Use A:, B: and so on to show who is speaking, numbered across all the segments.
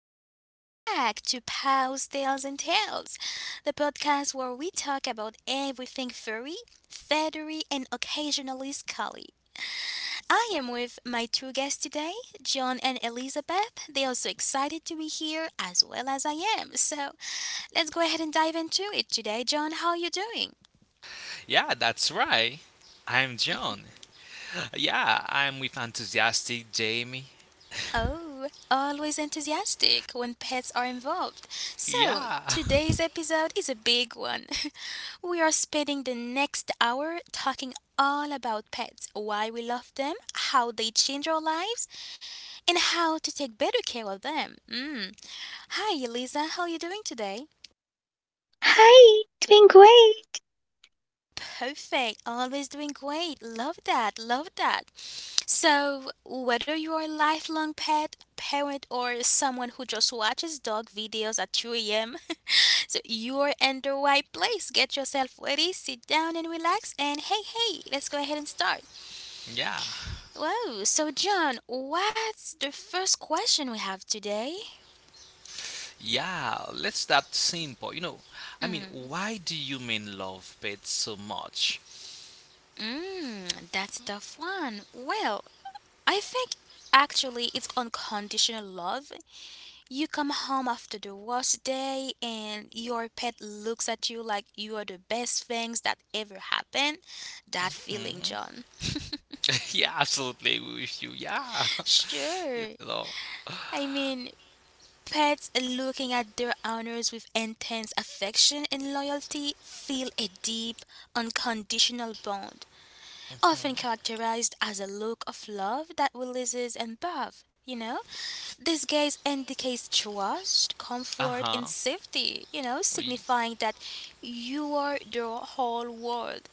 A: Welcome back to Pals, Tales and Tales, the podcast where we talk about everything furry, feathery, and occasionally scully. I am with my two guests today, John and Elizabeth. They are so excited to be here as well as I am. So let's go ahead and dive into it today. John, how are you doing?
B: Yeah, that's right. I'm John. Yeah, I'm with enthusiastic Jamie.
A: Oh, always enthusiastic when pets are involved. So,
B: Yeah,
A: today's episode is a big one. We are spending the next hour talking all about pets, why we love them, how they change our lives, and how to take better care of them. Mm. Hi, Elisa, how are you doing today?
C: Hi, doing great.
A: Perfect. Always doing great. Love that. Love that. So, whether you are a lifelong pet parent or someone who just watches dog videos at 2 a.m., so you're in the right place. Get yourself ready, sit down and relax, and hey, hey, let's go ahead and start.
B: yeah,
A: Whoa. So, John, what's the first question we have today?
B: yeah. Let's start simple. Why do you men love pets so much?
A: Mmm, that's a tough one. Well, I think actually it's unconditional love. You come home after the worst day and your pet looks at you like you are the best things that ever happened. That feeling,
B: Hmm?
A: John.
B: yeah, absolutely with you. Yeah,
A: Sure.
B: you know.
A: I mean, pets looking at their owners with intense affection and loyalty feel a deep, unconditional bond, often characterized as a look of love that releases and above, you know? This gaze indicates trust,
B: Uh
A: comfort,
B: huh.
A: and safety, you know,
B: We
A: signifying that you are the whole world.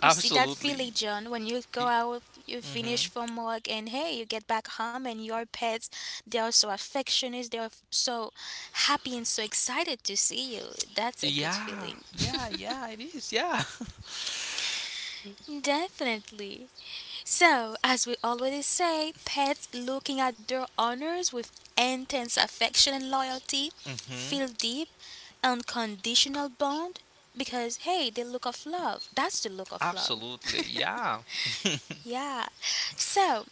A: You see that
B: absolutely.
A: feeling, John, when you go out, you
B: Mm-hmm.
A: finish from work, and hey, you get back home, and your pets, they are so affectionate, they are so happy and so excited to see you. That's a good
B: Yeah,
A: feeling.
B: yeah, yeah. It is. Yeah.
A: Definitely. So, as we always say, pets looking at their owners with intense affection and loyalty
B: Mm-hmm.
A: feel deep, unconditional bond because, hey, they look of love. That's the look of love.
B: Absolutely. Yeah.
A: Yeah. So,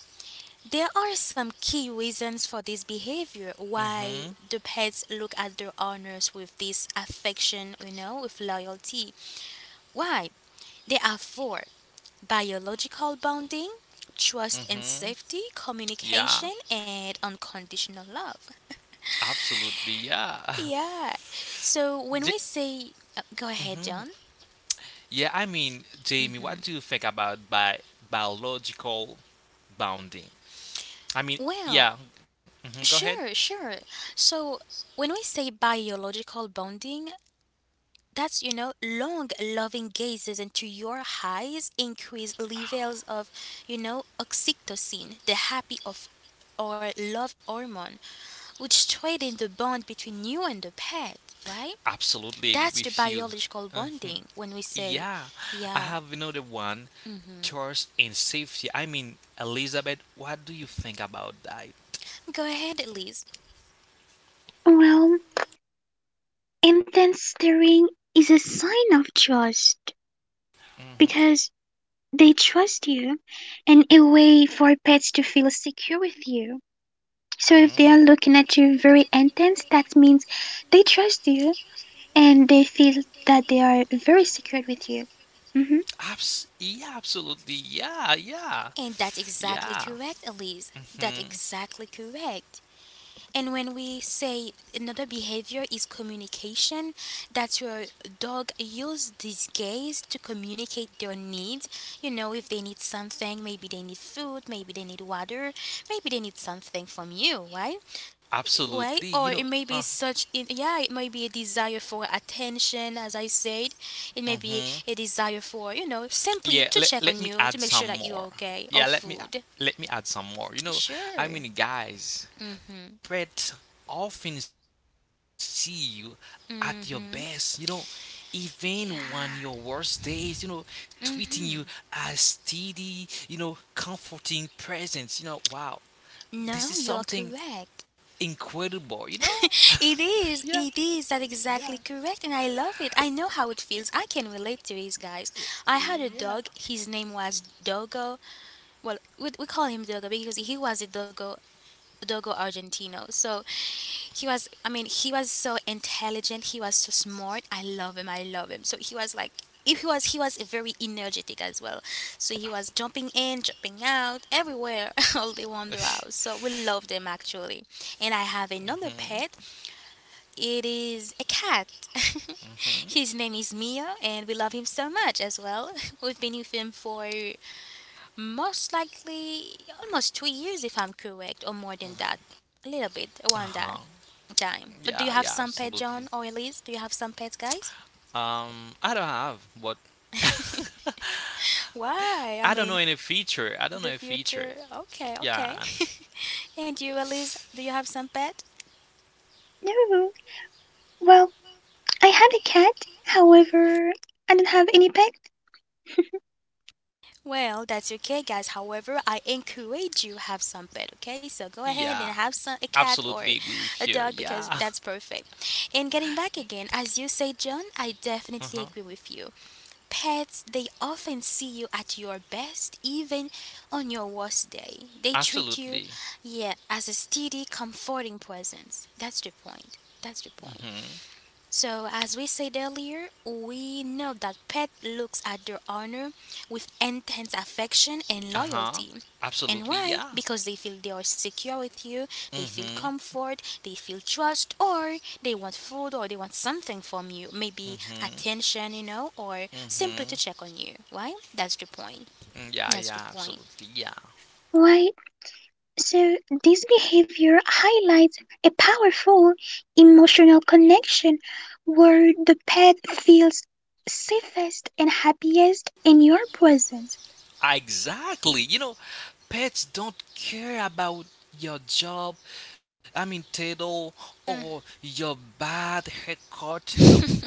A: there are some key reasons for this behavior why
B: Mm-hmm.
A: the pets look at their owners with this affection, you know, with loyalty. Why? There are four: biological bonding, trust and
B: Mm-hmm.
A: safety, communication,
B: Yeah.
A: and unconditional love.
B: Absolutely, yeah.
A: Yeah. So when
B: J-
A: we say, go ahead, John.
B: yeah, Jamie, what do you think about biological bounding? I mean,
A: Well,
B: yeah. hmm go ahead.
A: sure, sure. So when we say biological bonding, that's, you know, long loving gazes into your eyes increase levels of, you know, oxytocin, the happy of or love hormone, which strengthen the bond between you and the pet, right?
B: Absolutely agree
A: That's the
B: with you.
A: biological
B: Mhm,
A: bonding when we say,
B: yeah, I
A: yeah,
B: have another one. Trust and safety. I mean, Elizabeth, what do you think about that?
A: go ahead, Elise.
C: Well, intense staring is a sign of trust because they trust you and a way for pets to feel secure with you. So if they
B: Mm-hmm.
C: are looking at you very intense, that means they trust you and they feel that they are very secure with you. Mm-hmm.
B: Yeah, absolutely. Yeah, yeah,
A: And that's
B: yeah.
A: exactly correct, Elise.
B: hmm
A: That's exactly correct. And when we say another behavior is communication, that's where dog use this gaze to communicate their needs. You know, if they need something, maybe they need food, maybe they need water, maybe they need something from you, right?
B: Absolutely.
A: Way,
B: You know,
A: or it may be such in, yeah, it may be a desire for attention. As I said, it may be
B: mhm.
A: a desire for, you know, simply
B: Yeah,
A: to
B: let,
A: check
B: let
A: on
B: me
A: you, to
B: add
A: make
B: some
A: sure that you're
B: more.
A: okay, or
B: Yeah, let me
A: food.
B: let me add some more. You know, I
A: Sure.
B: mean, guys,
A: Mm,
B: pets often see you at your best. You know,
A: mm-hmm
B: even when your worst
A: yeah,
B: days. You know, tweeting you as steady. You know, comforting presence. You know, wow, this
A: no,
B: is
A: you're
B: something
A: correct.
B: incredible. You know,
A: It is,
B: yeah,
A: it is. That exactly
B: yeah,
A: correct, and I love it. I know how it feels. I can relate to these guys. I had a dog,
B: yeah.
A: his name was Dogo. Well, we call him Dogo because he was a Dogo, Dogo Argentino. So he was, I mean, he was so intelligent. He was so smart. I love him. I love him. So he was like, if he was, he was very energetic as well. So he was jumping in, jumping out, everywhere, all the wonder house. So we loved him actually. And I have another
B: mhm,
A: pet. It is a cat. His
B: mhm.
A: name is Mia, and we love him so much as well. We've been with him for most likely almost 2 years, if I'm correct, or more than that. A little bit
B: Uh
A: around
B: huh.
A: that time. But
B: Yeah,
A: do you
B: yeah,
A: have some pet,
B: absolutely.
A: John or Elise? Do you have some pets, guys?
B: I don't have but
A: Why? I
B: I don't
A: mean,
B: know any feature. I don't
A: the
B: know a feature.
A: future. Okay, okay.
B: Yeah, and
A: And you, Elise, do you have some pet?
C: No, well, I had a cat. However, I don't have any pet.
A: Well, that's okay, guys. However, I encourage you have some pet. Okay, so go ahead and have
B: yeah,
A: some a cat or
B: absolutely agree
A: a
B: with you.
A: dog because
B: Yeah,
A: that's perfect. And getting back again, as you say, John, I
B: uh-huh.
A: definitely agree with you. Pets, they often see you at your best, even on your worst day. They treat you,
B: Absolutely.
A: yeah, as a steady, comforting presence. That's the point. That's the point.
B: Mm-hmm.
A: So, as we said earlier, we know that pet looks at their owner with intense affection and
B: Uh-huh.
A: loyalty. And
B: Absolutely.
A: why?
B: Yeah.
A: Because they feel they are secure with you, they feel
B: Mm-hmm.
A: comfort, they feel trust, or they want food or they want something from you. Maybe
B: Mm-hmm.
A: attention, you know, or simply
B: Mm-hmm.
A: to check on you. Why? That's the point.
B: Mm, yeah.
A: That's the
B: Yeah.
A: point.
B: Absolutely. Yeah.
C: Why? So this behavior highlights a powerful emotional connection where the pet feels safest and happiest in your presence.
B: Exactly. You know, pets don't care about your job. Title or your bad haircut. You know.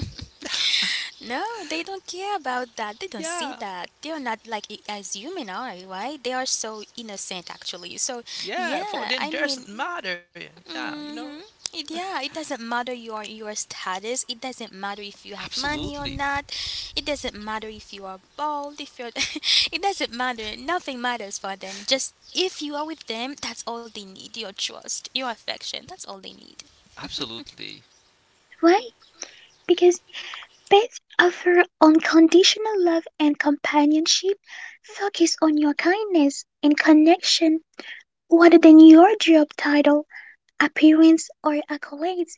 A: No, they don't care about that. They don't
B: Yeah.
A: see that. They are not like as human are, right? They are so innocent actually. So
B: Yeah, for
A: yeah,
B: them
A: I mean,
B: doesn't matter, yeah, you know,
A: hmm it, yeah, it doesn't matter your status. It doesn't matter if you have money or
B: absolutely,
A: not. It doesn't matter if you are bald. If you're, it doesn't matter. Nothing matters for them. Just if you are with them, that's all they need. Your trust, your affection. That's all they need.
B: absolutely,
C: Why? Because pets offer unconditional love and companionship, focus on your kindness and connection rather than your job title, appearance, or accolades.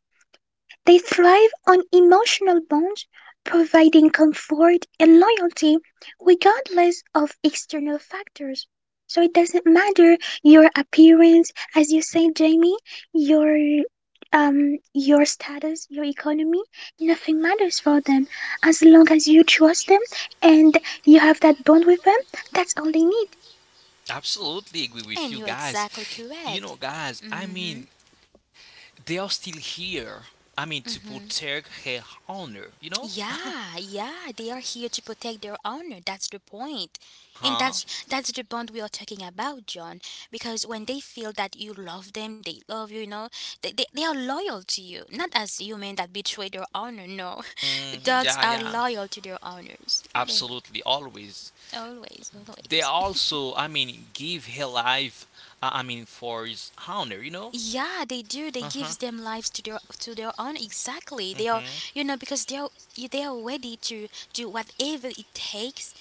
C: They thrive on emotional bonds, providing comfort and loyalty regardless of external factors. So it doesn't matter your appearance, as you say, Jamie, your your status, your economy, nothing matters for them. As long as you trust them and you have that bond with them, that's all they need.
B: absolutely agree with
A: And
B: you,
A: you're
B: guys.
A: exactly
B: you know
A: correct.
B: guys i
A: Mm-hmm.
B: mean they are still here. To protect her honor, you know,
A: Yeah, yeah, they are here to protect their honor. That's the point. And
B: huh.
A: that's the bond we are talking about, John. Because when they feel that you love them, they love you, you know, they are loyal to you. Not as human that betray their honor, no.
B: Mm,
A: Dogs
B: yeah,
A: are
B: yeah,
A: loyal to their owners. They,
B: absolutely, always.
A: always,
B: they
A: always.
B: also i mean give her life, for his honor, you know.
A: Yeah, they do. They
B: Uh-huh.
A: gives them lives to their own. Exactly. They are,
B: Mm-hmm.
A: you know, because they are ready to do whatever it takes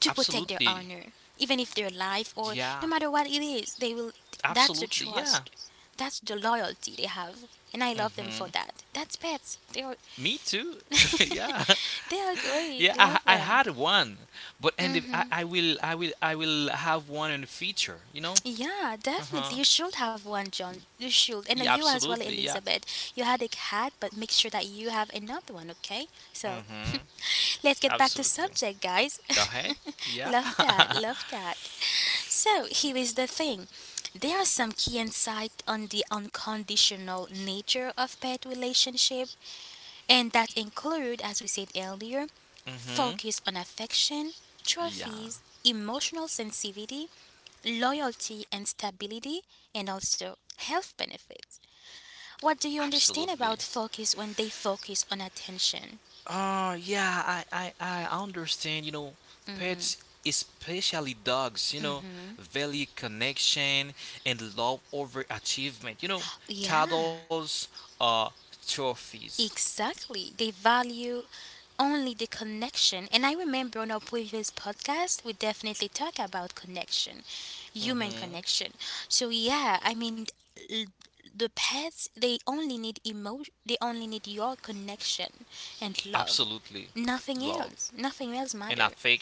A: to protect their
B: Absolutely,
A: honor, even if their life or no
B: yeah.
A: matter what it is, they will. That's the
B: Absolutely,
A: trust.
B: yeah.
A: That's the loyalty they have, and I
B: Mm-hmm.
A: love them for that. That's pets. They are,
B: Me too. yeah.
A: they are
B: Yeah,
A: great.
B: I,
A: Love
B: I
A: them.
B: had one, but and if I, I will I will I will have one in the future. You know.
A: Yeah,
B: Uh huh.
A: definitely. You should have one, John. You
B: Yeah,
A: should, and you
B: absolutely.
A: as well,
B: Yeah.
A: Elizabeth. You had a cat, but make sure that you have another one. Okay. So
B: Mm-hmm.
A: let's get back to
B: Absolutely.
A: subject, guys.
B: Go ahead. Yeah.
A: Love that. Love that. So here is the thing. There are some key insight on the unconditional nature of pet relationship, and that include, as we said earlier,
B: mm-hmm.
A: focus on affection,
B: Yeah.
A: trophies, emotional sensitivity, loyalty and stability, and also health benefits. What do you
B: Absolutely.
A: understand about focus when they focus on attention?
B: Yeah. I understand. You know, pets, especially dogs. You know, value connection and love over achievement. You know,
A: Yeah.
B: titles are trophies.
A: Exactly. They value only the connection. And I remember on our previous podcast, we definitely talk about connection, human
B: Mm-hmm.
A: connection. So yeah, I mean, l- the pets they only need emotion. They only need your connection and love.
B: Absolutely, love
A: Nothing else. Nothing
B: and
A: else matter.
B: affection.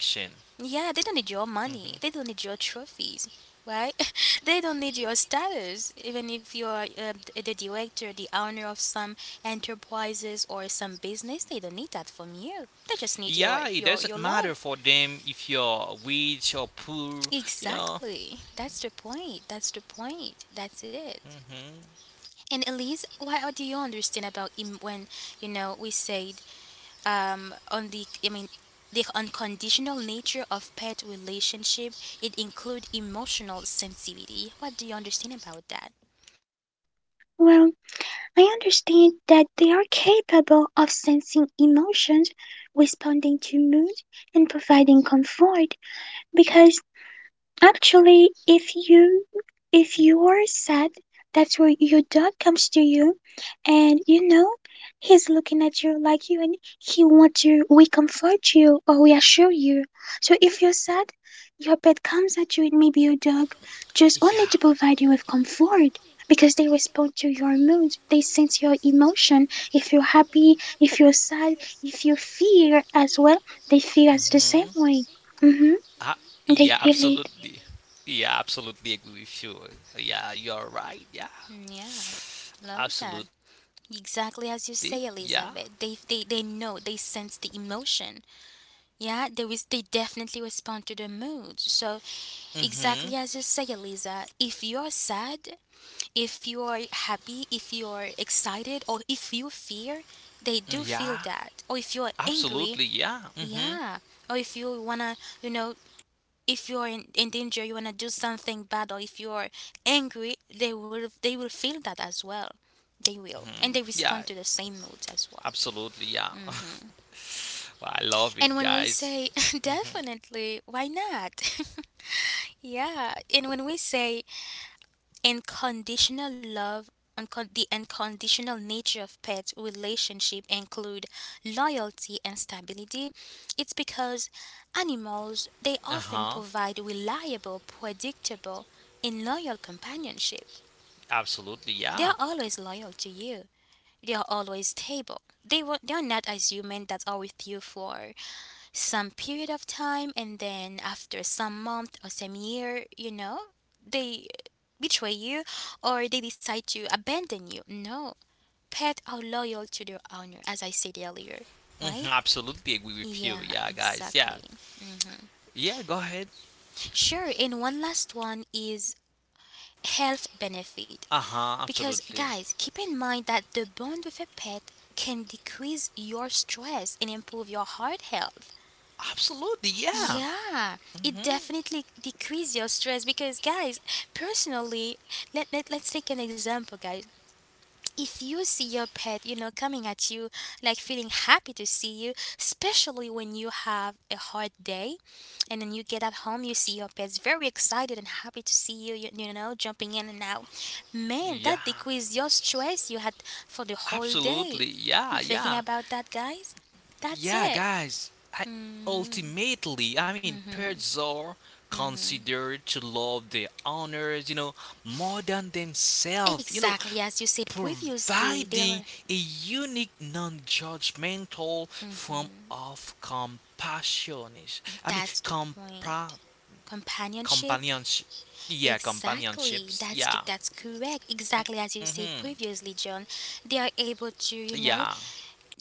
A: Yeah, they don't need your
B: Hmm,
A: money. They don't need your trophies, right? They don't need your status. Even if you're the director, the owner of some enterprises or some business, they don't need that from you. They just need your
B: yeah, it doesn't matter
A: love.
B: for them if you're rich or poor, you know.
A: Exactly. That's the point. That's the point. That's it.
B: Hmm,
A: And Elise, what do you understand about when you know we said on the, I mean, the unconditional nature of pet relationship. It include emotional sensitivity. What do you understand about that?
C: Well, I understand that they are capable of sensing emotions, responding to mood, and providing comfort, because actually, if you are sad, that's where your dog comes to you, and you know he's looking at you like you, and he wants to we comfort you or we assure you. So if you're sad, your pet comes at you, and maybe your dog, just only
B: yeah,
C: to provide you with comfort. Because they respond to your mood, they sense your emotion. If you're happy, if you're sad, if you fear as well, they feel as the
B: hmm.
C: same way.
B: Ah,
C: Mm-hmm.
B: yeah,
C: They feel it.
B: absolutely, yeah, absolutely agree with you, yeah, you're right, yeah,
A: Yeah, love that.
B: absolutely, yeah,
A: Exactly as you say, Elizabeth. They know they sense the emotion. Yeah, they was they definitely respond to the mood. So
B: hmm,
A: exactly as you say, Eliza. If you're sad, if you're happy, if you're excited, or if you fear, they do feel
B: yeah,
A: that. Or if you're angry,
B: absolutely, yeah, hmm,
A: yeah. Or if you wanna, you know, if you're in danger, you wanna do something bad, or if you're angry, they will feel that as well. They will,
B: hmm,
A: and they
B: yeah.
A: respond to the same moods as well.
B: Absolutely, yeah. Well, I love
A: And
B: it,
A: when we say
B: guys. Hmm
A: definitely, why not? Yeah. And when we say unconditional love, the unconditional nature of pet relationship include loyalty and stability. It's because animals they
B: Uh
A: often
B: huh.
A: provide reliable, predictable, and loyal companionship.
B: Absolutely,
A: They are
B: yeah.
A: always loyal to you. They are always stable. They were, they are not as human that are with you for some period of time, and then after some month or some year, you know, they betray you or they decide to abandon you. No, pets are loyal to their owner, as I said earlier.
B: hmm
A: Right,
B: Absolutely agree with you,
A: yeah,
B: yeah, guys. Yeah,
A: exactly. Mhm.
B: yeah. Go ahead.
A: Sure, and one last one is health benefit
B: Uh huh.
A: because
B: Absolutely.
A: guys keep in mind that the bond with a pet can decrease your stress and improve your heart health.
B: Absolutely, yeah.
A: Yeah, it
B: hmm
A: definitely decrease your stress because guys, personally, let's take an example, guys. If you see your pet, you know, coming at you like feeling happy to see you, especially when you have a hard day and then you get at home, you see your pet's very excited and happy to see you, you know, jumping in and out. Man,
B: Yeah.
A: that decrease your stress you had for the whole day.
B: Absolutely, yeah,
A: You thinking
B: yeah,
A: about that, guys? That's
B: yeah,
A: it.
B: guys. I
A: Mhm.
B: Ultimately, I mean, pets are considered to love their owners, you know, more than themselves. You know,
A: Exactly as you said previously, they
B: providing
A: are
B: a unique non-judgmental form of compassion. I mean,
A: that's the point.
B: compa-
A: Companionship?
B: companionship. Yeah,
A: Exactly.
B: companionships. Yeah.
A: That's correct. Exactly as you
B: hmm
A: said previously, John. They are able to,
B: Yeah.
A: you know,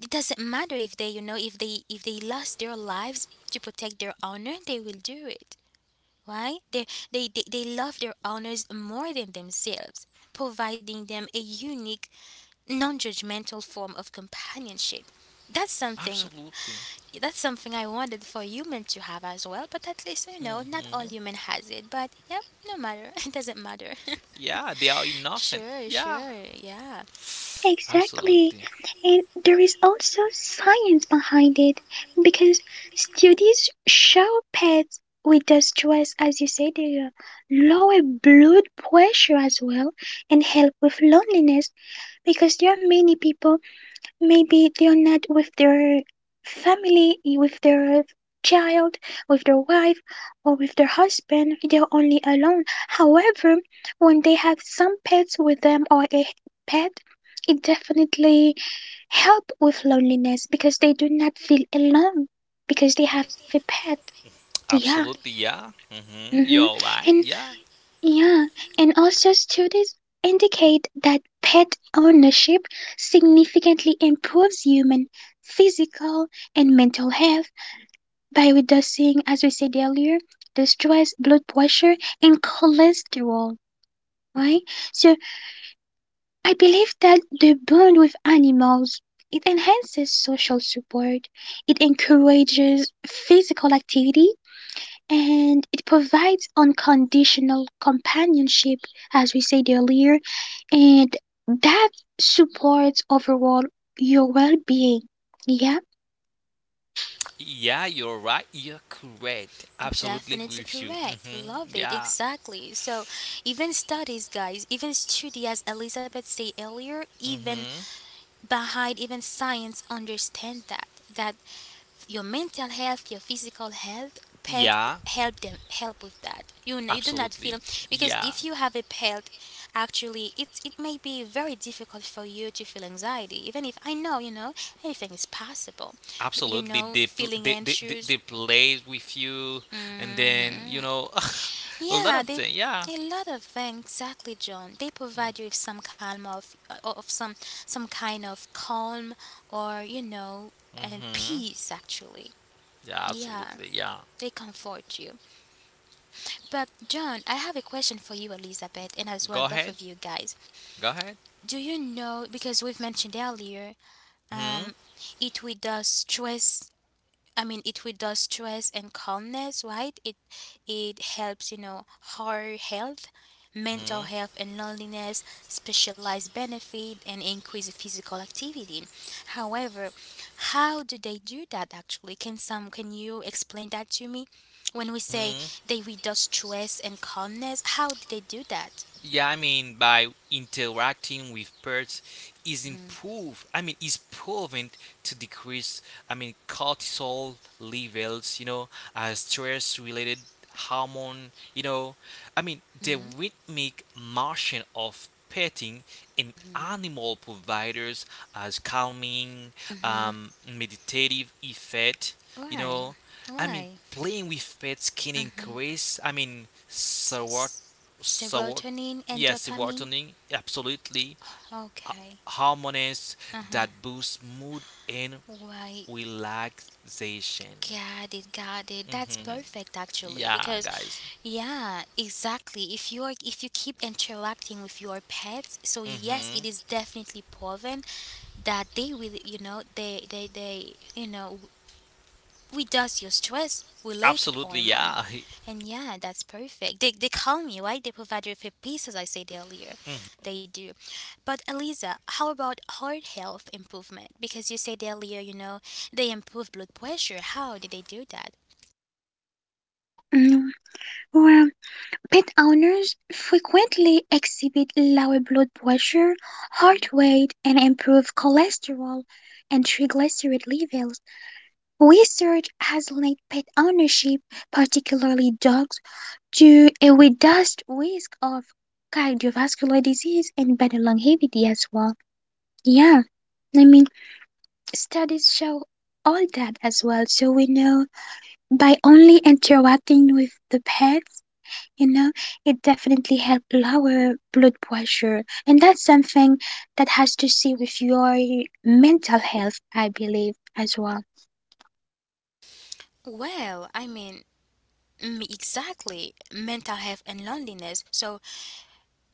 A: it doesn't matter if they, you know, if they lost their lives to protect their honor, they will do it. Why? They love their honors more than themselves, providing them a unique, non-judgmental form of companionship. That's something
B: Absolutely.
A: that's something I wanted for human to have as well, but at least you know, not
B: Hmm
A: all human has it. But yep, no matter, it doesn't matter.
B: Yeah, they are innocent. Yeah.
A: Sure, yeah,
B: Absolutely.
C: Exactly. And there is also science behind it because studies show pets with the stress, as you said, they lower blood pressure as well and help with loneliness because there are many people. Maybe they're not with their family, with their child, with their wife, or with their husband. They're only alone. However, when they have some pets with them or a pet, it definitely help with loneliness because they do not feel alone because they have a pet. Yeah.
B: Absolutely. Yeah. hmm
C: hmm
B: You're right.
C: And
B: Yeah.
C: yeah, and also studies indicate that pet ownership significantly improves human physical and mental health by reducing, as we said earlier, the stress, blood pressure, and cholesterol, right? So I believe that the bond with animals it enhances social support, it encourages physical activity, and it provides unconditional companionship, as we said earlier, and that supports overall your well-being. Yeah.
B: Yeah, you're right. You're correct. Absolutely agree
A: definitely
B: with you.
A: correct.
B: Hmm
A: Love it
B: Yeah.
A: exactly. So even studies, guys, even studies, as Elizabeth said earlier, even
B: hmm
A: behind even science understand that your mental health your physical health pet
B: Yeah.
A: help them help with that you know you do not feel
B: Absolutely.
A: because
B: Yeah.
A: if you have a pet actually it may be very difficult for you to feel anxiety even if I know you know anything is possible but you
B: Absolutely.
A: know
B: They, pl-
A: feeling anxious
B: they play with you, and then, you
A: hmm
B: know, a lot
A: yeah,
B: of
A: they
B: things. Yeah.
A: a lot of things exactly, John. They provide you with some calm of some kind of calm or you know and
B: hmm
A: peace actually.
B: Yeah,
A: Yeah,
B: absolutely. Yeah.
A: they comfort you. But John, I have a question for you, Elizabeth, and as well
B: Go
A: both
B: ahead.
A: of you guys.
B: Go ahead.
A: Do you know because we've mentioned earlier,
B: Hmm
A: um, it with us stress I mean, it reduces stress and calmness, right? It helps, you know, heart health, mental
B: hmm
A: health, and loneliness, specialized benefit, and increase physical activity. However, how do they do that? Actually, can you explain that to me? When we say
B: hmm
A: they reduce stress and calmness, how do they do that?
B: Yeah, I mean by interacting with pets is
A: Mhm,
B: improve. I mean is proven to decrease. Cortisol levels. You know, stress-related hormone. You know, I mean the
A: mhm,
B: rhythmic motion of petting in
A: mhm,
B: animal providers as calming,
A: mhm.
B: meditative effect. You
A: Why?
B: know, I mean
A: Why?
B: playing with pets can
A: Mm,
B: increase. I mean
A: s-
B: serot
A: s- Serotonin and
B: Yes,
A: dopamine.
B: serotonin, absolutely,
A: Okay.
B: hormones
A: Uh-huh.
B: that boost mood and
A: Right.
B: relaxation.
A: Got it, got it. That's
B: Hmm
A: perfect actually
B: Yeah,
A: because
B: guys.
A: yeah, exactly. If you keep interacting with your pets, so yes, it
B: Hmm
A: is definitely proven that they will you know they you know Without your stress related
B: Absolutely,
A: hormone.
B: yeah.
A: And yeah, that's perfect. They call me, right? They provide you with a piece, as I said earlier.
B: Mhm.
A: They do. But Eliza, how about heart health improvement? Because you said earlier, you know, they improve blood pressure. How did they do that?
C: mm. Well, pet owners frequently exhibit lower blood pressure, heart rate, and improved cholesterol and triglyceride levels. Research has linked pet ownership, particularly dogs, to a reduced risk of cardiovascular disease and better longevity as well. Yeah, I mean, studies show all that as well. So we know by only interacting with the pets, you know, it definitely help lower blood pressure. And that's something that has to see with your mental health, I believe, as well.
A: Well, I mean, exactly mental health and loneliness. So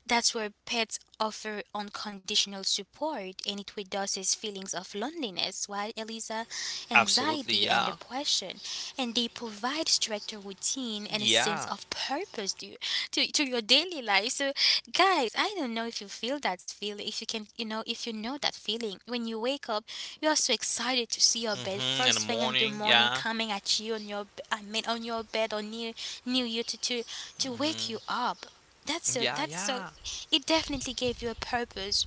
A: That's where pets offer unconditional support and it reduces feelings of loneliness, while Eliza,
B: Absolutely,
A: anxiety and
B: yeah.
A: depression. And they provide structure, routine, and a sense
B: Yeah.
A: of purpose to your daily life. So, guys, I don't know if you feel that feeling, if you can, you know, if you know that feeling. When you wake up, you are so excited to see your bed
B: hmm In the
A: first thing in the
B: morning,
A: morning
B: yeah.
A: coming at I mean, on your bed near you to wake you
B: hmm
A: up
B: Yeah,
A: that's so
B: yeah.
A: it definitely gave you a purpose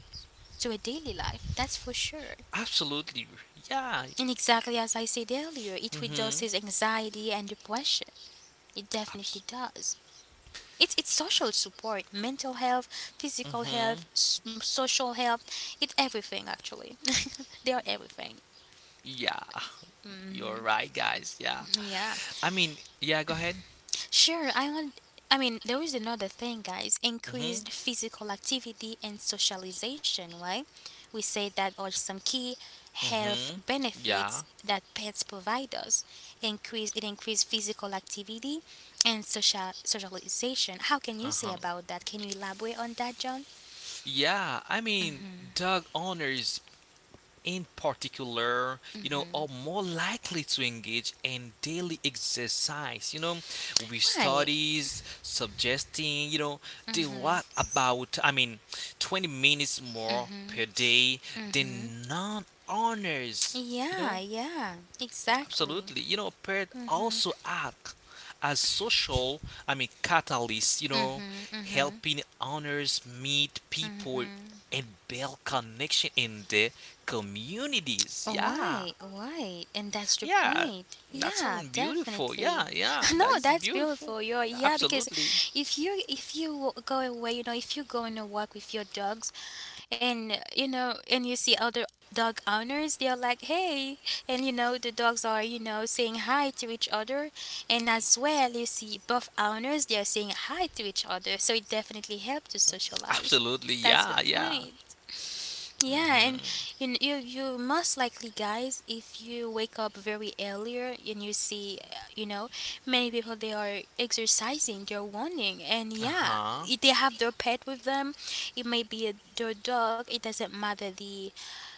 A: to a daily life, that's for sure.
B: Absolutely, yeah.
A: And exactly as I said earlier, it
B: hmm
A: reduces anxiety and depression. It definitely
B: Abs-
A: does. It's social support, mental health, physical
B: hmm
A: health, social health. It's everything, actually. they are everything.
B: Yeah, you're right, guys. Yeah.
A: Yeah.
B: I mean, yeah. Go ahead.
A: Sure, I want. I mean, there is another thing, guys.
B: Hmm
A: Increased physical activity and socialization, right? We say that are some key health
B: hmm Yeah.
A: benefits that pets provide us. Increase physical activity and socialization. How can
B: Uh
A: you say
B: huh.
A: about that? Can you elaborate on that, John?
B: Yeah, I mean, dog owners in particular, you know, are more likely to engage in daily exercise, you know, with
A: Why?
B: studies suggesting, you know, they walk about 20 minutes more per day
A: Mm-hmm.
B: than non owners, you
A: Yeah,
B: know?
A: yeah, exactly.
B: Absolutely. You know, parents also act as social, I mean, catalysts, you know, helping owners meet people and build connection in their communities. Yeah.
A: Right, right, and that's the
B: Yeah.
A: point.
B: That
A: Yeah,
B: sounds beautiful.
A: definitely.
B: Yeah. Yeah.
A: No,
B: That is
A: that's
B: beautiful.
A: beautiful. You're yeah, because
B: Absolutely.
A: if you go away, you know, if you go on a walk with your dogs, and you know, and you see other dog owners, they're like, hey, and you know, the dogs are you know saying hi to each other, and as well, you see both owners, they're saying hi to each other. So it definitely helps to socialize.
B: Absolutely.
A: That's the
B: Yeah. Yeah.
A: point. Yeah, and
B: hmm
A: you kn- you most likely guys if you wake up very earlier and you see you know many people they are exercising they're running and yeah
B: Uh-huh.
A: they have their pet with them it may be their dog it doesn't matter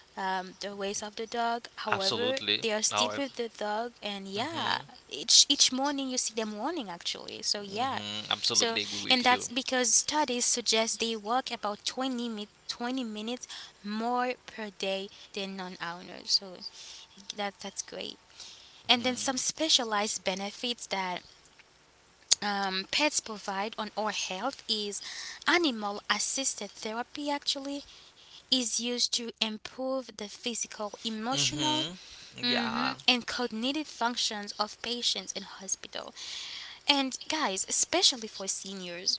A: the ways of the dog. However,
B: Absolutely.
A: they are still
B: Our,
A: with the dog, and yeah,
B: mm-hmm,
A: each morning you see them running actually. So yeah,
B: mm-hmm,
A: so
B: absolutely agree
A: and
B: with
A: that's
B: you.
A: because studies suggest they walk about 20 minutes more per day than non-owners. So that that's great. And then some specialized benefits that pets provide on our health is animal assisted therapy actually is used to improve the physical, emotional
B: Mm-hmm.
A: hmm
B: Yeah.
A: and cognitive functions of patients in hospital. And guys, especially for seniors,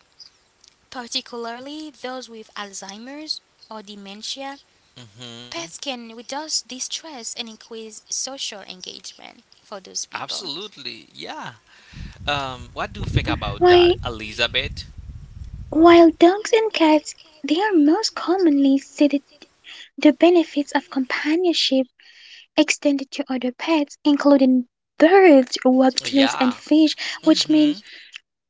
A: particularly those with Alzheimer's or dementia,
B: Mm-hmm.
A: pets can reduce distress and increase social engagement for those people.
B: Absolutely. Yeah. What do you think about that,
C: Why
B: Elizabeth?
C: while dogs and cats they are most commonly cited the benefits of companionship extended to other pets, including birds, reptiles and
B: Yeah.
C: fish, which mean
B: Mm-hmm.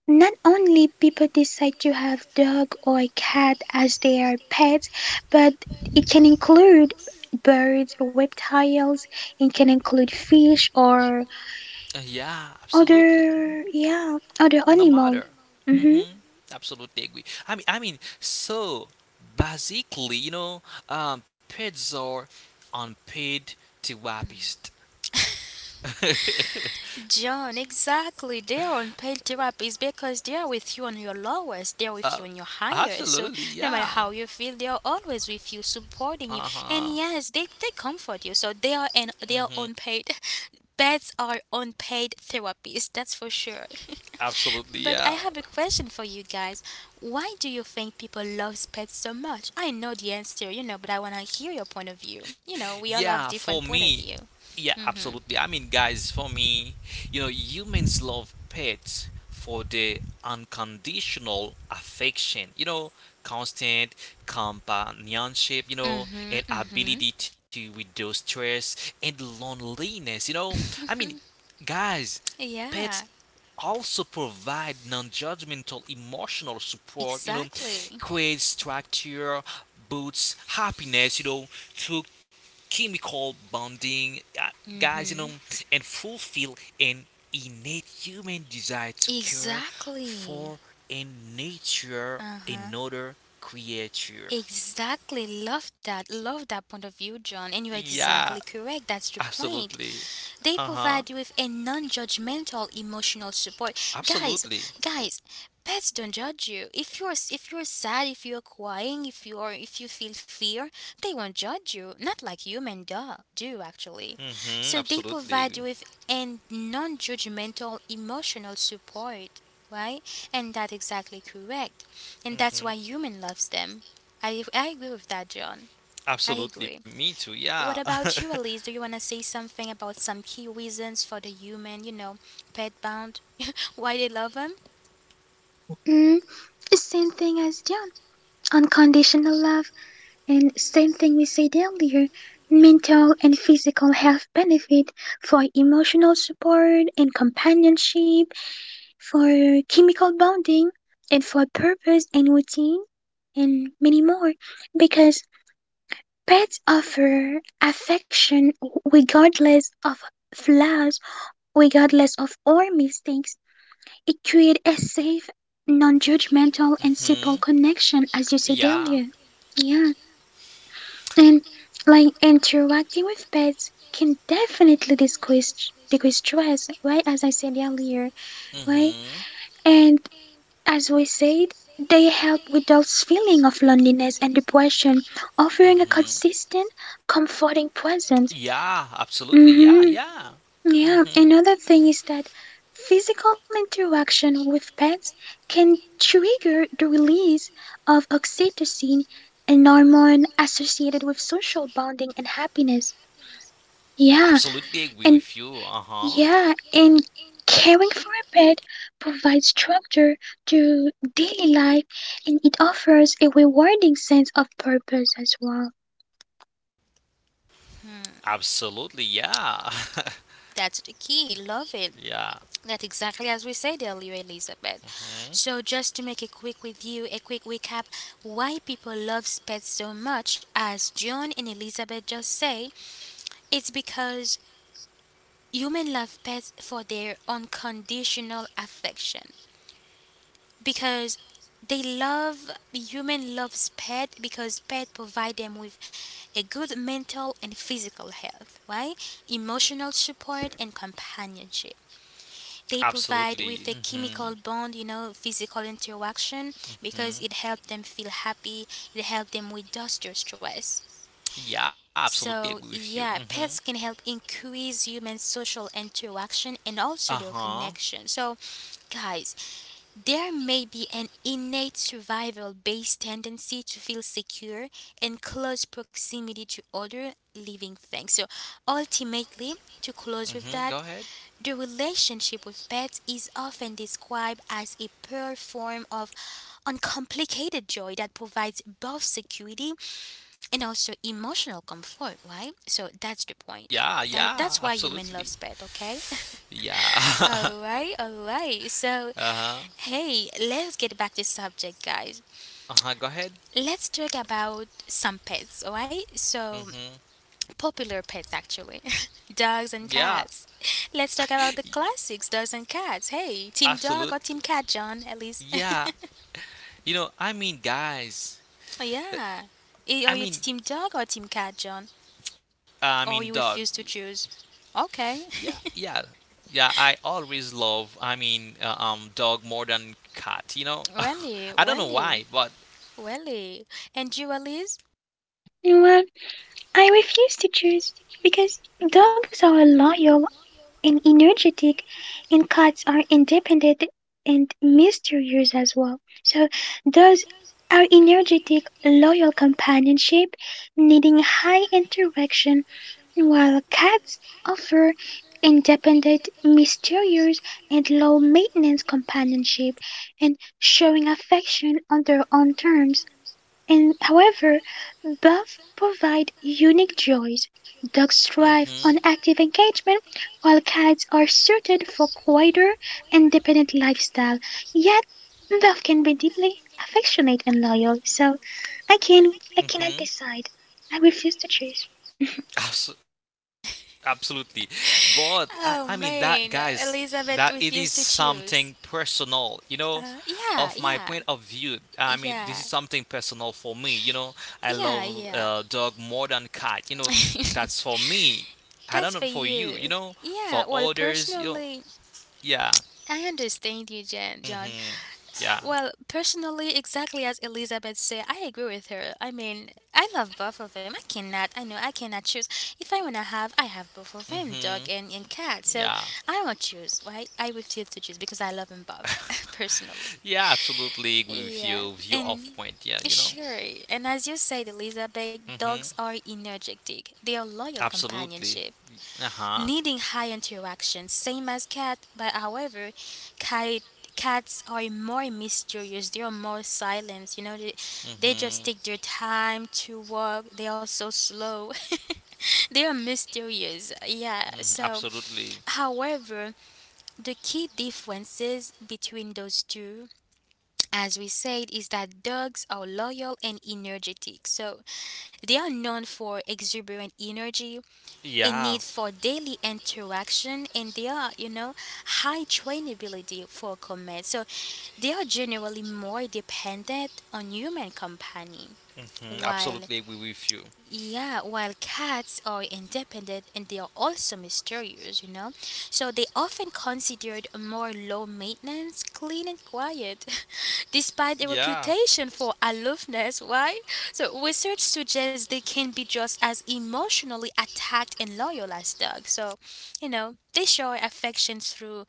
C: not only people decide to have dog or cat as their pets, but it can include birds, reptiles, it can include fish or
B: Yeah, absolutely.
C: other
B: No
C: animal.
B: matter.
C: Mm-hmm.
B: Mm-hmm. Absolutely agree. So basically, you know, pets are unpaid therapists.
A: John, exactly. They're on paid therapy because they're with you on your lowest, they're with
B: uh,
A: you on your highest. So
B: absolutely,
A: no matter
B: yeah.
A: how you feel, they're always with you, supporting you.
B: Uh
A: And
B: huh.
A: yes, they comfort you. So they are and they are
B: Mm-hmm.
A: unpaid. Pets are unpaid therapies, that's for sure.
B: Absolutely,
A: but I
B: yeah.
A: have a question for you guys. Why do you think people love pets so much? I know the answer, you know, but I wanna hear your point of view. You know, we all have
B: Yeah,
A: different
B: for
A: point of
B: me,
A: view.
B: yeah,
A: Mm-hmm.
B: absolutely. I mean, guys, for me, you know, humans love pets for the unconditional affection, you know, constant companionship, you know,
A: Mm-hmm.
B: and
A: Mm-hmm.
B: ability to reduce stress and loneliness, you know. I mean, guys, pets
A: yeah,
B: also provide non-judgmental emotional support, you know,
A: exactly.
B: create structure, boosts happiness, you know, through chemical bonding, guys, you know,
A: Mm-hmm.
B: and fulfill an innate human desire to care
A: Exactly.
B: for and nature
A: Uh-huh.
B: another creature.
A: Exactly. Love that. Love that point of view, John. And you're exactly
B: Yeah,
A: correct. That's the point.
B: absolutely.
A: They
B: Uh huh.
A: provide you with a non judgmental emotional support. Guys,
B: Absolutely.
A: guys, pets don't judge you. If you're sad, if you're crying, if you feel fear, they won't judge you. Not like human do, do actually.
B: Mm-hmm.
A: So they provide you
B: Absolutely.
A: with a non judgmental emotional support. Right? And that's exactly correct. And that's why
B: Mm-hmm.
A: human loves them. I agree with that, John. I agree.
B: Absolutely. Me too.
A: What
B: Yeah.
A: about you, Elise? Do you want to say something about some key reasons for the human, you know, pet bound? Why they love them?
C: Mm, same thing as John, unconditional love, and same thing we said earlier, mental and physical health benefit for emotional support and companionship for chemical bonding, and for purpose and routine, and many more. Because pets offer affection regardless of flaws, regardless of our mistakes. It creates a safe, non judgmental, and simple
B: mm-hmm.
C: connection, as you said earlier.
B: Yeah.
C: Yeah, and like interacting with pets can definitely decrease stress, right? As I said earlier, right?
B: Mm-hmm.
C: And as we said, they help with those feeling of loneliness and depression, offering a
B: Mm-hmm.
C: consistent, comforting presence.
B: Yeah, absolutely. Yeah,
C: hmm
B: yeah.
C: Yeah.
B: Mm-hmm.
C: Another thing is that physical interaction with pets can trigger the release of oxytocin, an hormone associated with social bonding and happiness. Yeah.
B: Absolutely agree
C: And
B: with you. Uh-huh.
C: yeah, and caring for a pet provides structure to daily life and it offers a rewarding sense of purpose as well.
B: Absolutely, yeah.
A: That's the key. Love it.
B: yeah.
A: That's exactly as we said earlier, Elizabeth.
B: hmm
A: So, just to make a quick review, a quick recap, why people love pets so much, as John and Elizabeth just say, it's because humans love pets for their unconditional affection. Because they love human loves pet because pet provide them with a good mental and physical health right emotional support and companionship they provide with a
B: Absolutely. Mm-hmm.
A: chemical bond you know physical interaction because it
B: hmm
A: helps them feel happy it helps them reduce their stress
B: Yeah, absolutely
A: so
B: agree with you.
A: yeah
B: Mm-hmm.
A: pets can help increase human social interaction and also their
B: Uh-huh.
A: connection so guys there may be an innate survival based tendency to feel secure in close proximity to other living things. So, ultimately, to close with
B: Mm-hmm. Go
A: that,
B: ahead.
A: the relationship with pets is often described as a pure form of uncomplicated joy that provides both security and also emotional comfort, right? So, that's the point.
B: Yeah, yeah,
A: That's why human
B: absolutely.
A: loves pet, okay?
B: Yeah.
A: all right, all right. So,
B: uh-huh.
A: Hey, let's get back to subject, guys.
B: Uh-huh. Go ahead.
A: Let's talk about some pets, alright? So,
B: Mm-hmm.
A: popular pets actually. dogs and
B: Yeah.
A: cats. Let's talk about the classics, dogs and cats. Hey, team dog or team
B: Absolutely.
A: cat, John, at least.
B: Yeah. You know, I mean, guys.
A: yeah.
B: I
A: Are you
B: mean,
A: team dog or team cat, John? Or
B: Dog.
A: you refuse to choose? Okay.
B: Yeah, yeah, yeah. I always love. Dog more than cat. You know,
A: Welly,
B: I don't know
A: welly,
B: why, but
A: welly. And you, Elise?
C: And well, I refuse to choose because dogs are loyal and energetic, and cats are independent and mysterious as well. So those are energetic, loyal companionship, needing high interaction, while cats offer independent, mysterious, and low maintenance companionship and showing affection on their own terms. And however, both provide unique joys. Dogs thrive
B: hmm
C: on active engagement, while cats are suited for quieter, independent lifestyle. Yet, both can be deeply affectionate and loyal. So, I can I
B: hmm
C: cannot decide. I refuse to choose.
B: Absolutely. But I mean that, guys,
A: Oh
B: that
A: man,
B: it is
A: Elizabeth
B: something
A: refused to
B: personal, you
A: choose.
B: know, of my point of
A: Yeah,
B: view.
A: yeah,
B: I mean this is something
A: yeah.
B: personal for me, you know. I love
A: Yeah,
B: dog
A: yeah.
B: more than cat, you know. That's for me. I don't know for
A: That's for
B: you, you know,
A: you.
B: for
A: Yeah, well,
B: others, you know.
A: personally,
B: Yeah.
A: I understand you, John.
B: Mhm. Yeah.
A: Well, personally, exactly as Elizabeth said, I agree with her. I mean, I love both of them. I know, I cannot choose. If I want to have, I have both of them,
B: Mhm.
A: dog and cat. So
B: Yeah.
A: I won't choose, right? I refuse to choose because I love them both, personally.
B: Yeah, absolutely agree with
A: Yeah,
B: you. View
A: and
B: off point, yeah, you know.
A: sure. And as you said, Elizabeth, dogs
B: Mhm.
A: are energetic. They are loyal
B: Absolutely.
A: companionship.
B: Uh-huh.
A: Needing high interaction, same as cat, but however, cat, cats are more mysterious. They are more silent. They just
B: Mhm.
A: take their time to walk. They are so slow. they are mysterious. Yeah.
B: Mhm,
A: So,
B: absolutely.
A: however, the key differences between those two, as we said, is that dogs are loyal and energetic. So, they are known for exuberant energy, a
B: Yeah.
A: need for daily interaction, and they are, high trainability for comets. So they are generally more dependent on human company.
B: Mhm, absolutely
A: While
B: agree with you.
A: yeah, while cats are independent and they are also mysterious, you know? So they often considered more low maintenance, clean and quiet, despite their
B: Yeah.
A: reputation for aloofness. Why? So research suggests they can be just as emotionally attacked and loyal as dogs. So, you know, they show affection through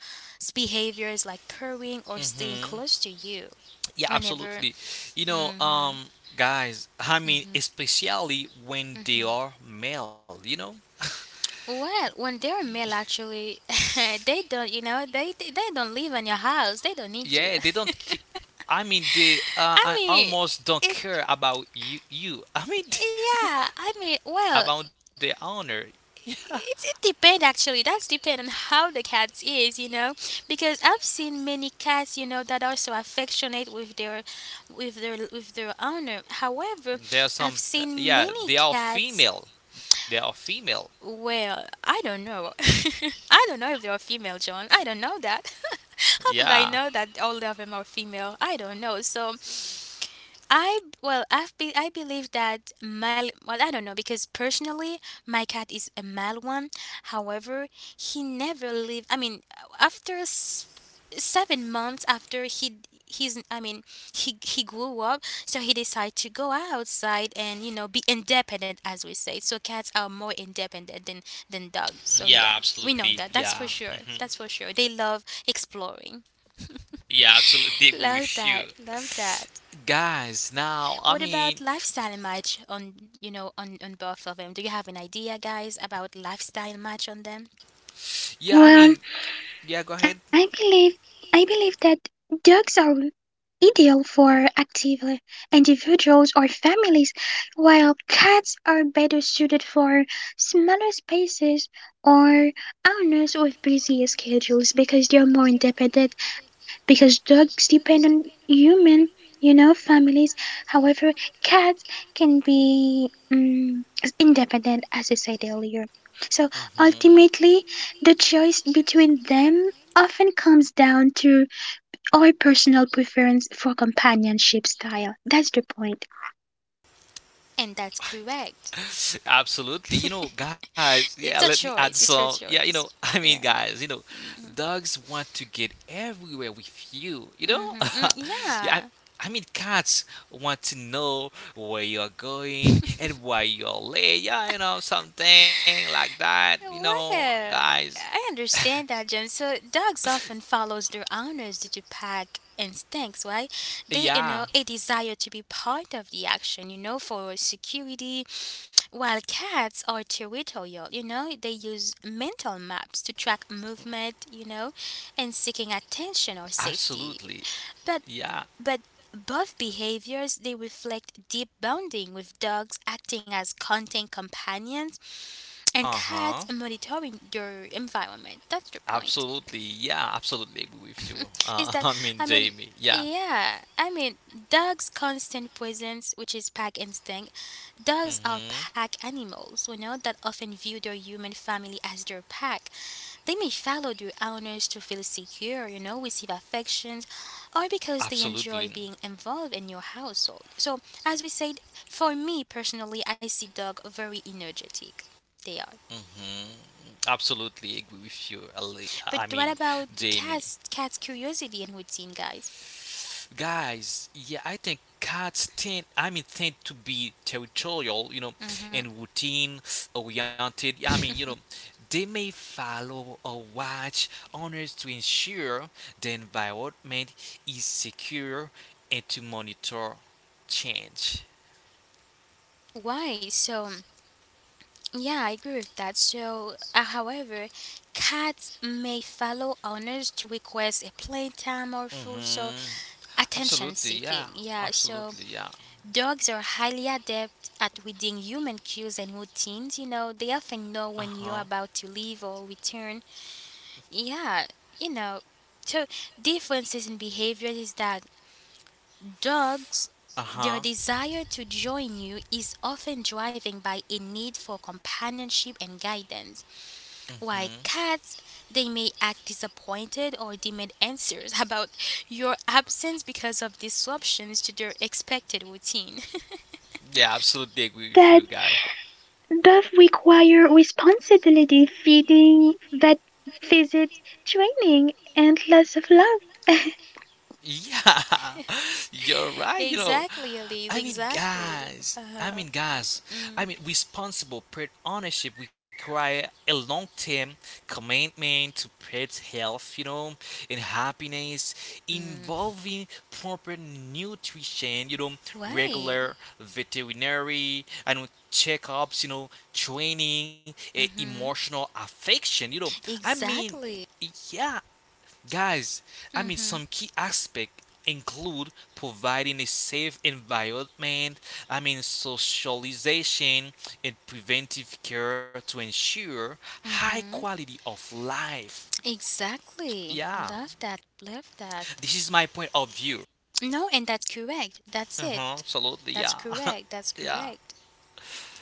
A: behaviors like purring or staying
B: hmm
A: close to you
B: Yeah,
A: whenever.
B: absolutely. You know,
A: Mm-hmm.
B: guys, I mean, especially when they are male, you know?
A: Well, when they're male, actually, they don't, you know, they don't live in your house. They don't need you.
B: yeah, they don't. I mean, they
A: I
B: I
A: mean,
B: almost don't
A: it's,
B: care about you.
A: yeah. I mean, well,
B: About their honor. Yeah.
A: it depends actually. That's depend on how the cats is, you know, because I've seen many cats, you know, that are so affectionate with their, with their owner. However,
B: There are
A: I've
B: some,
A: seen
B: yeah,
A: many
B: they are
A: cats.
B: female. They are female.
A: Well, I don't know. I don't know if they're female, John. I don't know that. How could I
B: Yeah,
A: know that all of them are female? I don't know. So well, I believe that mal. Well, I don't know because personally, my cat is a mal one. However, he never lived. I mean, after s- 7 months after he he's I mean he grew up, so he decided to go outside and, you know, be independent as we say. So cats are more independent than dogs.
B: yeah,
A: So yeah,
B: absolutely.
A: we know that.
B: Yeah,
A: That's for
B: hmm,
A: sure. That's for sure. They love exploring.
B: yeah, absolutely agree
A: Love
B: with you,
A: that. Love that.
B: guys. Now,
A: What about lifestyle match on, you know, on both of them? Do you have an idea, guys, about lifestyle match on them?
B: yeah, I mean,
C: Well,
B: yeah, go ahead.
C: I believe I believe that dogs are ideal for active individuals or families, while cats are better suited for smaller spaces or owners with busier schedules because they're more independent because dogs depend on human, you know, families. However, cats can be independent as I said earlier. So ultimately, the choice between them often comes down to or personal preference for companionship style. That's the point.
A: And that's correct.
B: Absolutely. You know, guys, yeah,
A: It's
B: let
A: a
B: me add
A: choice. It's
B: some.
A: your
B: Yeah, you know,
A: choice.
B: I mean,
A: Yeah.
B: guys, you know, dogs want to get everywhere with you, you know?
A: Mm-hmm. Mm,
B: yeah, I,
A: yeah.
B: I mean, cats want to know where you're going and why you're late. Yeah, you know, something like that, you know,
A: Well,
B: guys.
A: I understand that, Jim. So dogs often follows their owners due to pack instincts, right? They, you
B: Yeah,
A: know, a desire to be part of the action, you know, for security, while cats are territorial, you know, they use mental maps to track movement, you know, and seeking attention or safety.
B: absolutely.
A: But
B: Yeah.
A: but both behaviors they reflect deep bonding, with dogs acting as content companions and
B: Uh huh.
A: cats monitoring your environment. That's the point.
B: Absolutely, yeah, absolutely agree with you.
A: Is that,
B: I
A: I
B: mean,
A: mean,
B: Jamie, yeah,
A: yeah, I mean, dogs' constant presence, which is pack instinct. Dogs are
B: hmm,
A: pack animals, you know, that often view their human family as their pack. They may follow their owners to feel secure, you know, receive affections, or because they enjoy
B: absolutely,
A: being involved in your household. So, as we said, for me personally, I see dog very energetic. They are.
B: hmm, absolutely agree with you.
A: But
B: I
A: what
B: mean,
A: about
B: Jamie,
A: cats? Cats' curiosity and routine, guys.
B: guys, yeah, I think cats tend to be territorial, you know, and routine oriented. Yeah, I mean, you know, they may follow or watch owners to ensure the environment is secure and to monitor change.
A: Why? So yeah, I agree with that. So, however, cats may follow owners to request a playtime or food. So
B: Mm-hmm.
A: attention
B: Absolutely,
A: seeking.
B: yeah.
A: Yeah. So
B: Absolutely, yeah.
A: dogs are highly adept at reading human cues and routines. You know, they often know when
B: Uh-huh.
A: you're about to leave or return. Yeah. You know. So differences in behaviors is that dogs, their
B: Uh-huh.
A: desire to join you is often driven by a need for companionship and guidance, while
B: Mm-hmm.
A: cats, they may act disappointed or demand answers about your absence because of disruptions to their expected routine.
B: Yeah, absolutely agree with
C: That
B: you, guys.
C: both require responsibility, feeding, vet visits, training, and lots of love.
B: Yeah, you're right. You know,
A: Exactly, Elise,
B: I mean,
A: exactly.
B: guys.
A: Uh
B: I
A: huh.
B: mean, guys. I
A: Mm.
B: mean, responsible pet ownership require a long-term commitment to pet health, you know, and happiness,
A: Mm.
B: involving proper nutrition, you know,
A: Why?
B: regular veterinary, I know, checkups, you know, training, eh,
A: Mm-hmm.
B: emotional affection, you know. I mean,
A: Exactly.
B: yeah, Guys, I mean,
A: Mm-hmm.
B: some key aspects include providing a safe environment, I mean, socialization, and preventive care to ensure high
A: Mm-hmm.
B: quality of life.
A: Exactly.
B: Yeah,
A: Love that. Love that.
B: this is my point of view.
A: No, and that's correct. That's
B: Uh-huh,
A: it.
B: absolutely,
A: That's
B: yeah.
A: correct. That's
B: Yeah.
A: correct.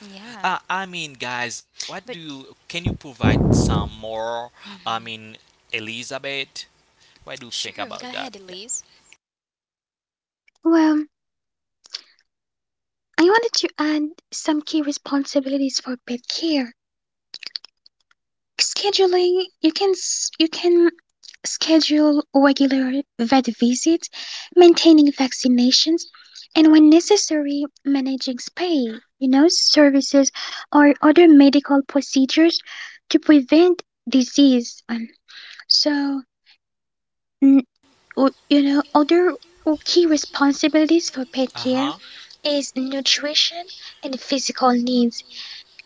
A: Yeah.
B: I mean, guys, what do
A: But
B: you can you provide some more? I mean, Elizabeth, what do you think
A: sure,
B: about
A: go
B: that?
A: ahead,
B: Yeah.
A: Elise.
C: well, I wanted to add some key responsibilities for pet care. Scheduling, you can schedule regular vet visits, maintaining vaccinations, and when necessary, managing spay, you know, services or other medical procedures to prevent disease. So, n- other key responsibilities for pet care is nutrition and physical needs.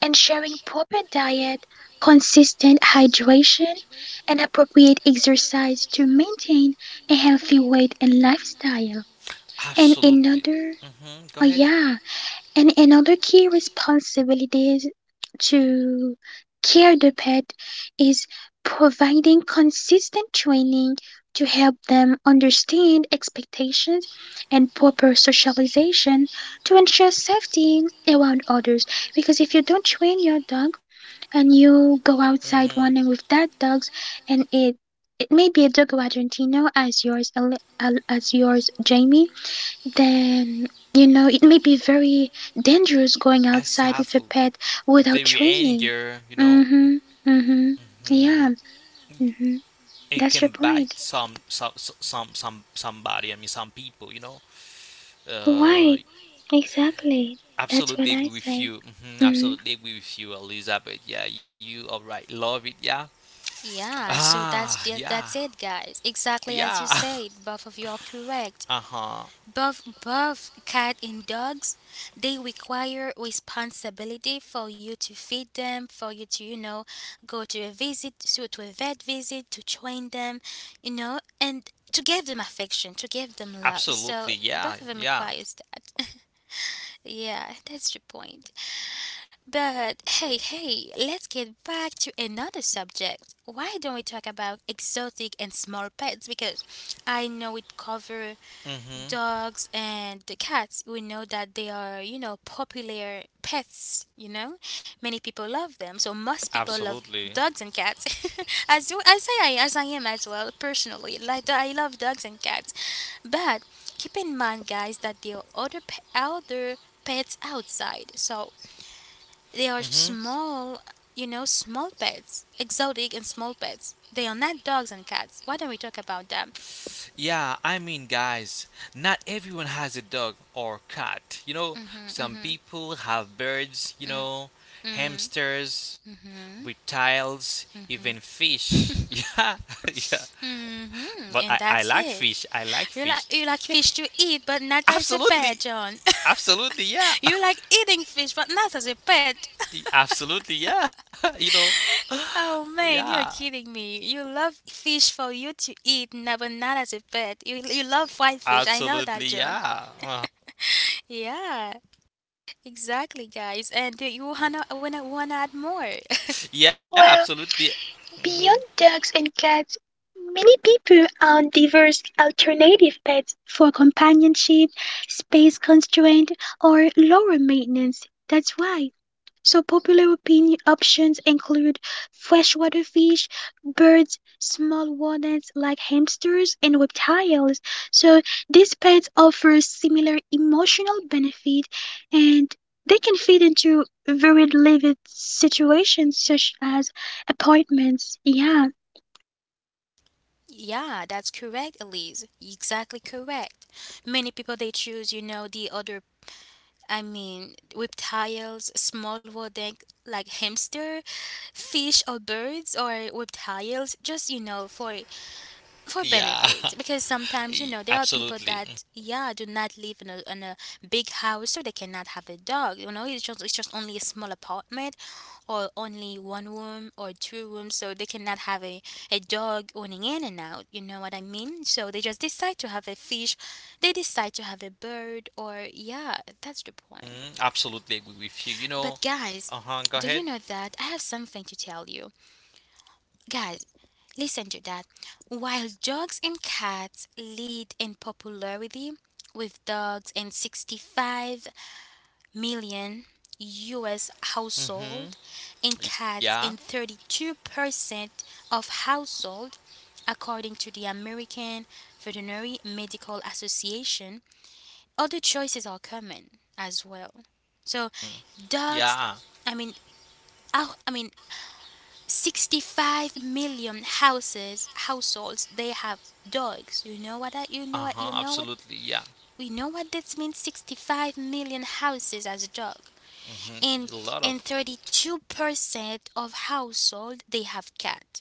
C: Ensuring proper diet, consistent hydration, and appropriate exercise to maintain a healthy weight and lifestyle.
B: And
C: And
B: absolutely.
C: another,
B: Mm-hmm. Go
C: oh
B: ahead.
C: yeah, and another key responsibility to care the pet is providing consistent training to help them understand expectations and proper socialization to ensure safety around others because if you don't train your dog and you go outside one night with that dog, and it may be a dog Argentino as yours, as yours, Jamie. Then you know it may be very dangerous going outside with a pet without training.
B: Anger, you know.
C: Mhm. Mhm.
B: Mm-hmm.
C: Yeah. Mhm.
B: And can
C: That's your
B: bite
C: point.
B: somebody. I mean, some people. You know. Uh,
C: Right. Exactly. That's
B: absolutely
C: what I
B: agree with
C: say.
B: you. Hmm
C: Mhm.
B: absolutely agree with you, Elizabeth. Yeah, you are right. Love it. Yeah.
A: Yeah, so
B: Ah. Yeah.
A: that's it, guys. Exactly as you
B: Yeah.
A: said, both of you are correct.
B: uh huh.
A: Both cat and dogs, they require responsibility for you to feed them, for you to, you know, go to a visit, so to a vet visit, to train them, you know, and to give them affection, to give them love. So
B: Absolutely. Yeah.
A: both of them
B: Yeah.
A: requires that. Yeah, that's the point. But hey, hey, let's get back to another subject. Why don't we talk about exotic and small pets? Because I know it covers
B: Mm hmm
A: dogs and the cats. We know that they are, you know, popular pets, you know, many people love them, so most people love
B: Absolutely.
A: dogs and cats. As you as I as I am as well, personally, like, I love dogs and cats, but keep in mind, guys, that there are other pets outside. So they are
B: Mm-hmm.
A: small, you know, small pets. Exotic and small pets, they are not dogs and cats. Why don't we talk about that?
B: Yeah, I mean, guys, not everyone has a dog or cat. You know, some people have birds, you know, hamsters, reptiles, even fish. Yeah, yeah. But
A: Hmm.
B: I,
A: And
B: I like
A: that's it.
B: fish. I like
A: You
B: fish.
A: like, you like fish to eat, but not as a
B: Absolutely.
A: pet, John.
B: Absolutely, yeah.
A: You like eating fish, but not as a pet.
B: Absolutely, yeah. You know,
A: Oh man,
B: yeah.
A: you're kidding me. You love fish for you to eat, no, but not as a pet. You love fried fish. I know
B: Absolutely,
A: that, John.
B: yeah. Uh-huh.
A: Yeah, exactly, guys. And you wanna wanna add more.
B: Yeah,
C: Well,
B: absolutely. Hmm
C: beyond dogs and cats, many people own diverse alternative pets for companionship, space constraint, or lower maintenance. That's why so popular opinion options include freshwater fish, birds, small rodents like hamsters and reptiles. So these pets offer similar emotional benefit and they can fit into very limited situations such as apartments. Yeah,
A: Yeah, that's correct, Elise. Exactly correct. Many people they choose, you know, the other, I mean, with tiles, small wording like hamster, fish or birds or with tiles, just, you know, for
B: Yeah,
A: benefits, because sometimes, you know, there are people
B: Absolutely.
A: that, yeah, do not live in a big house, so they cannot have a dog, you know. It's just, it's just only a small apartment or only one room or two rooms, so they cannot have a dog running in and out, you know what I mean. So they just decide to have a fish, they decide to have a bird or, yeah, that's the point.
B: Mm, absolutely agree with you. You know,
A: But guys,
B: uh huh. Go
A: do you
B: ahead.
A: know that I have something to tell you? Guys, listen to that. While dogs and cats lead in popularity with dogs in 65 million US household
B: Mm-hmm.
A: and
B: Yeah.
A: cats in 32% of household, according to the American Veterinary Medical Association, other choices are common as well. So dogs,
B: Yeah.
A: I mean, I mean, 65 million houses households they have dogs. You know what
B: Uh
A: that, you know
B: huh.
A: what, you know
B: Absolutely.
A: what,
B: Yeah.
A: we know what this means: 65 million houses has a dog, and
B: Mm-hmm. A lot of.
A: and 32% of household they have cat.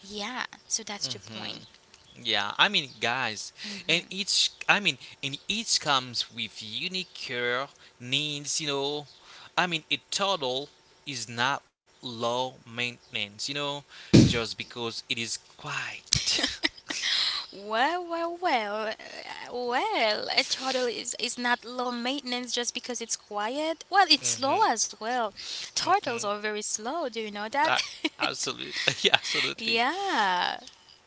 A: Yeah, so that's the
B: Mhm,
A: point.
B: yeah. I mean, guys, and
A: Mm.
B: each. I mean, and each comes with unique care needs. You know, I mean, a turtle is not low maintenance. You know, just because it is quiet.
A: Well, well a turtle is not low maintenance just because it's quiet. Well, it's slow
B: mm-hmm.
A: as well. Turtles are
B: Mm-hmm.
A: very slow. Do you know
B: Uh,
A: that?
B: absolutely. Yeah. Absolutely.
A: Yeah.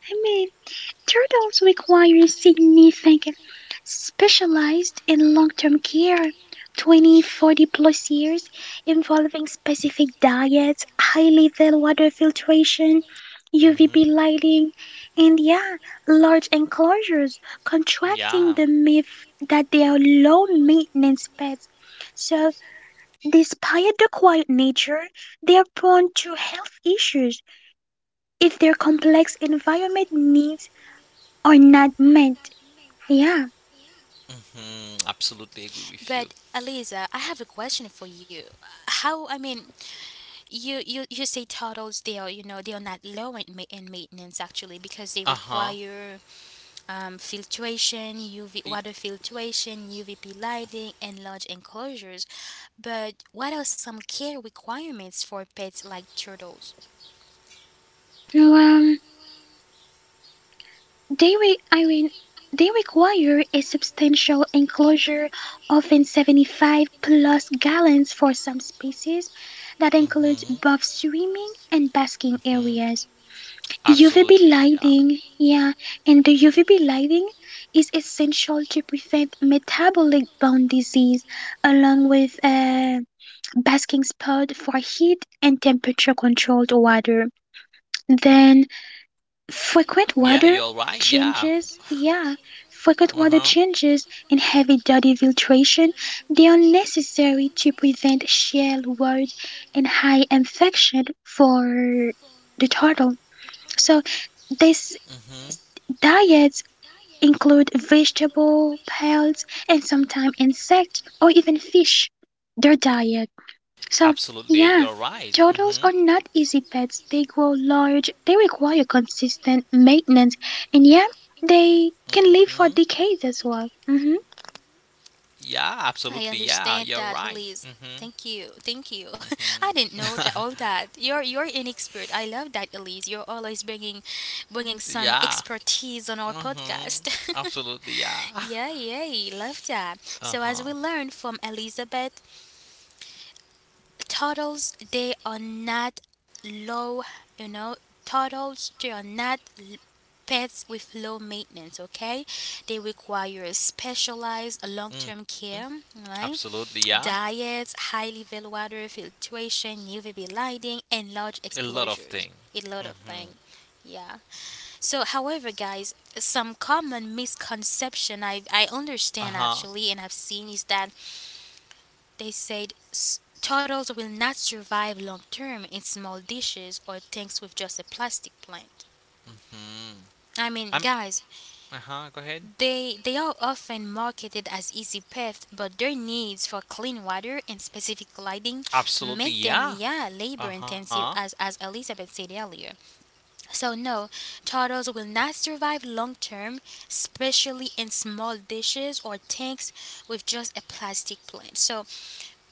C: I mean, turtles require significant specialized and long-term care, 20, 40 plus years, involving specific diets, high level water filtration, UVB
B: Mm-hmm.
C: lighting, and yeah, large enclosures, contracting
B: Yeah.
C: the myth that they are low maintenance pets. So, despite the quiet nature, they are prone to health issues if their complex environment needs are not met. Yeah,
B: Absolutely agree with you.
A: But Eliza, I have a question for you. How, I mean, you say turtles they are, you know, they are not low in, in maintenance actually, because they
B: Uh huh.
A: require filtration, UV water filtration, UVP lighting, and large enclosures. But what are some care requirements for pets like turtles?
C: well, I mean, they require a substantial enclosure, often 75 plus gallons for some species, that
B: hmm
C: includes both swimming and basking
B: hmm
C: areas. UVB
B: Absolutely. Yeah.
C: lighting, yeah, and the UVB lighting is essential to prevent metabolic bone disease, along with a basking spot for heat and temperature controlled water. Then
B: Yeah, you're
C: frequent
B: right.
C: water
B: Yeah.
C: changes, yeah,
B: Uh huh.
C: frequent water changes and heavy duty filtration, they are necessary to prevent shell wart and high infection for the turtle. So these
B: hmm
C: diets include vegetable, pearls, and sometimes insect or even fish. Their diet. So,
B: Absolutely, you're
C: yeah,
B: right.
C: turtles are not easy pets. They grow large, they require consistent maintenance, and yeah, they can
B: Hmm
C: live for decades as well.
B: Yeah, absolutely.
A: I
B: Yeah, you're
A: understand
B: right.
A: that, Elise. Thank you. Thank you. I didn't know that
B: Hmm
A: all that. You're an expert. I love that, Elise. You're always bringing some
B: yeah.
A: expertise on our
B: hmm
A: podcast.
B: Absolutely. Yeah.
A: Yeah, yay, love that.
B: Uh
A: So as
B: huh.
A: we learned from Elizabeth, turtles they are not low, you know, turtles they are not l- pets with low maintenance, okay? They require specialized
B: Mm.
A: long-term care, right?
B: Absolutely. Yeah.
A: Diets, highly level water filtration, UVB lighting, and
B: A
A: large
B: lot of things.
A: exposures. A lot of things. Yeah. So, however, guys, some common misconception I
B: Uh huh.
A: understand actually and I've seen is that they said turtles will not survive long term in small dishes or tanks with just a plastic plant.
B: Hmm.
A: I mean,
B: I'm.
A: guys,
B: Uh huh. Go ahead.
A: they are often marketed as easy paths, but their needs for clean water and specific lighting
B: Absolutely.
A: make them,
B: Yeah.
A: yeah, labor
B: Uh huh.
A: intensive, as Elizabeth said earlier. So no, turtles will not survive long term, especially in small dishes or tanks with just a plastic plant. So,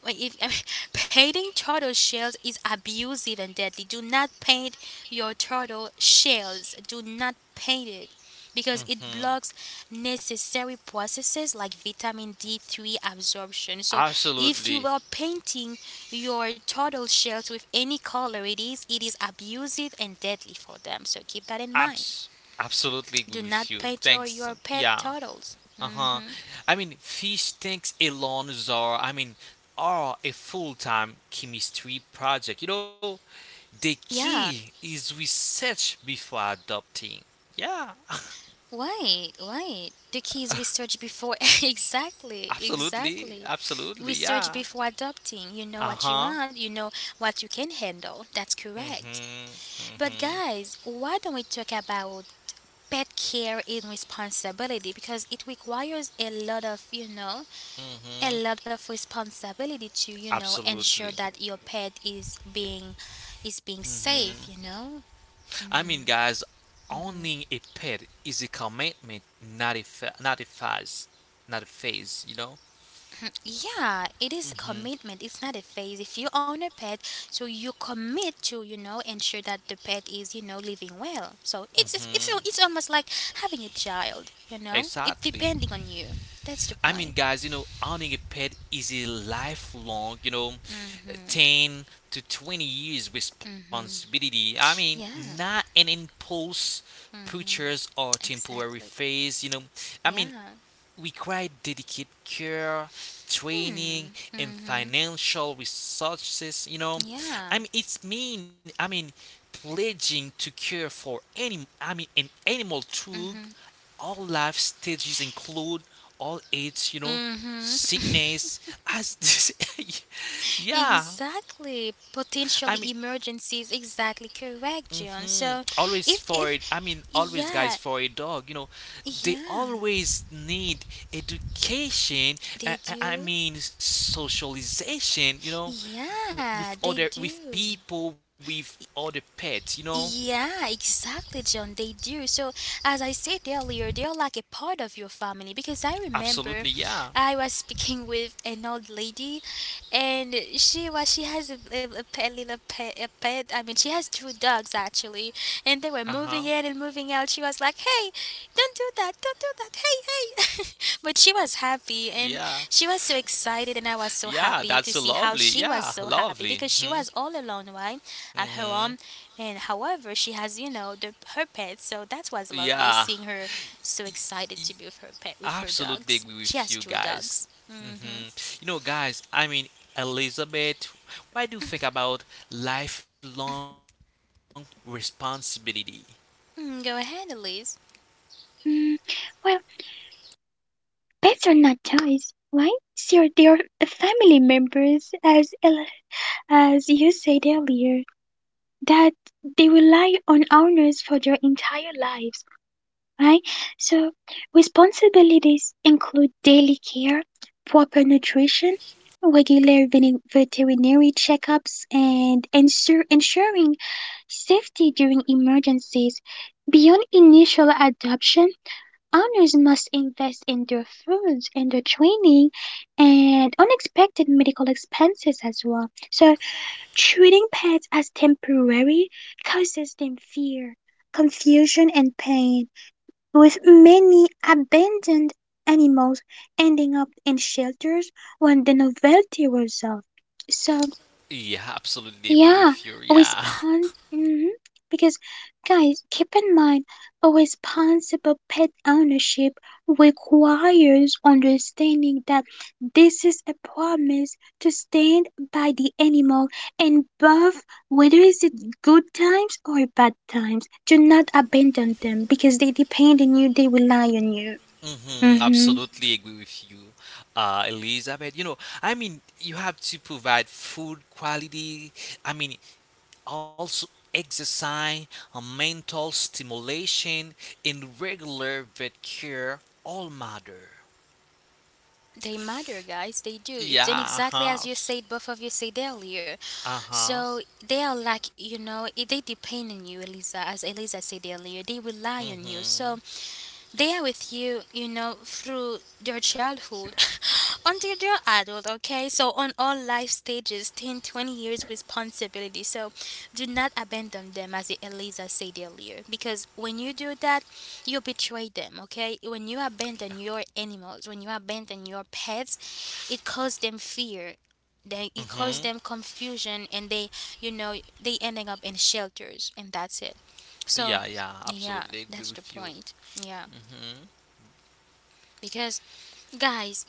A: well, if, I mean, painting turtle shells is abusive and deadly. Do not paint your turtle shells. Do not paint it, because it
B: Mm-hmm.
A: blocks necessary processes like vitamin D3 absorption. So, if you
B: Absolutely.
A: are painting your turtle shells with any color it is abusive and deadly for them. So, keep that in mind.
B: Abs. Absolutely agree
A: Do
B: with
A: not
B: you.
A: paint your
B: Thanks.
A: pet
B: Yeah.
A: turtles.
B: Uh huh.
A: Mhm.
B: I mean, fish tanks alone are. I mean, are a full-time chemistry project. You know, the key
A: Yeah.
B: is research before adopting. Yeah.
A: Right, right. The kids we search before exactly,
B: Absolutely,
A: exactly.
B: absolutely,
A: We search
B: yeah.
A: before adopting. You know
B: Uh
A: what you
B: huh.
A: want, you know what you can handle. That's
B: Mhm.
A: correct.
B: Mhm.
A: But guys, why don't we talk about pet care and responsibility, because it requires a lot of, you know, a
B: Mhm.
A: lot of responsibility to, you know, ensure
B: Absolutely.
A: that your pet is being, is being
B: Mhm.
A: safe, you know?
B: I mean, guys, owning a pet is a commitment, not a phase. You know.
A: Yeah, it is a
B: Mhm.
A: commitment, it's not a phase. If you own a pet, so you commit to, you know, ensure that the pet is, you know, living well. So
B: Mhm.
A: it's almost like having a child, you know. It's
B: Exactly.
A: depending on you. That's the
B: I mean,
A: point.
B: guys, you know, owning a pet is a lifelong, you know,
A: Mhm.
B: 10 to 20 years
A: Mhm.
B: responsibility. I mean, not
A: Yeah.
B: an impulse
A: Mhm.
B: purchase or temporary
A: Exactly.
B: phase, you know. I mean,
A: Yeah.
B: require dedicated care, training,
A: Hmm.
B: and
A: Mhm.
B: financial resources. You know,
A: Yeah.
B: I mean, it's mean. I mean, pledging to care for any. I mean, an animal through
A: Mhm.
B: all life stages, include all age. You know,
A: Mhm.
B: sickness as this. Yeah,
A: Exactly, potentially
B: I mean,
A: emergencies. Exactly correct, John. So,
B: always
A: if
B: for it. I
A: if
B: mean, always, guys, for
A: yeah,
B: a dog. You know, they
A: yeah,
B: always need education.
A: they
B: I
A: do.
B: mean, socialization. You know,
A: Yeah,
B: with
A: they
B: other, with
A: do.
B: people, with other pets. You know,
A: Yeah, exactly, John. They do. So, as I said earlier, they are like a part of your family, because I remember
B: absolutely, yeah.
A: I was speaking with an old lady, and she was, she has a pet, little pet a pet. I mean, she has 2 dogs actually, and they
B: Uh
A: were
B: huh.
A: moving in and moving out. She was like, "Hey, don't do that, hey hey," but she was happy, and
B: Yeah,
A: she was so excited, and I was so
B: yeah.
A: happy
B: That's
A: to
B: so
A: see how
B: lovely.
A: she was
B: Yeah,
A: so happy
B: lovely.
A: because she was all alone, right, at her
B: Hmm
A: home. And however, she has, her pet, so that was
B: Yeah.
A: lovely seeing her so excited to be with her pet, with her
B: Absolutely agree
A: dogs.
B: with
A: She
B: you
A: has two
B: guys.
A: dogs. Hmm.
B: hmm You know, guys, I mean, Elizabeth, why do you think about lifelong responsibility?
A: Go ahead, Elise.
C: Mm, well, pets are not toys, right? Sure, they are family members, as you said earlier, that they rely on owners for their entire lives, right? So, responsibilities include daily care, proper nutrition, regular veterinary checkups, and ensure ensuring safety during emergencies. Beyond initial adoption, owners must invest in their foods and their training and unexpected medical expenses as well. So, treating pets as temporary causes them fear, confusion, and pain with many abandoned animals ending up in shelters when the novelty wears off. So,
B: Yeah, absolutely agree
C: yeah,
B: with you. Yeah.
C: respon mhm, because guys, keep in mind a responsible pet ownership requires understanding that this is a promise to stand by the animal and both whether it's it good times or bad times, do not abandon them because they depend on you, they rely on you. Mm-hmm.
B: Absolutely agree with you, Elizabeth. You know, I mean, you have to provide food quality. I mean, also exercise, mental stimulation, and regular vet care all matter.
A: They matter, guys. They do. And
B: Yeah,
A: exactly as you
B: huh?
A: said, both of you said earlier.
B: Uh-huh.
A: So they are like, they depend on you, Eliza. As Eliza said earlier, they rely on you.
B: Mm-hmm.
A: So they are with you, you know, through their childhood until they're adult, okay? So, on all life stages, 10, 20 years responsibility. So, do not abandon them, as Eliza said earlier, because when you do that, you betray them, okay? When you abandon your animals, when you abandon your pets, it causes them fear, they it causes
B: Mm-hmm.
A: them confusion, and they you know they ending up in shelters, and that's it. So
B: Yeah, yeah,
A: yeah,
B: absolutely agree
A: that's the
B: with you.
A: point. Yeah.
B: Mm-hmm.
A: Because, guys,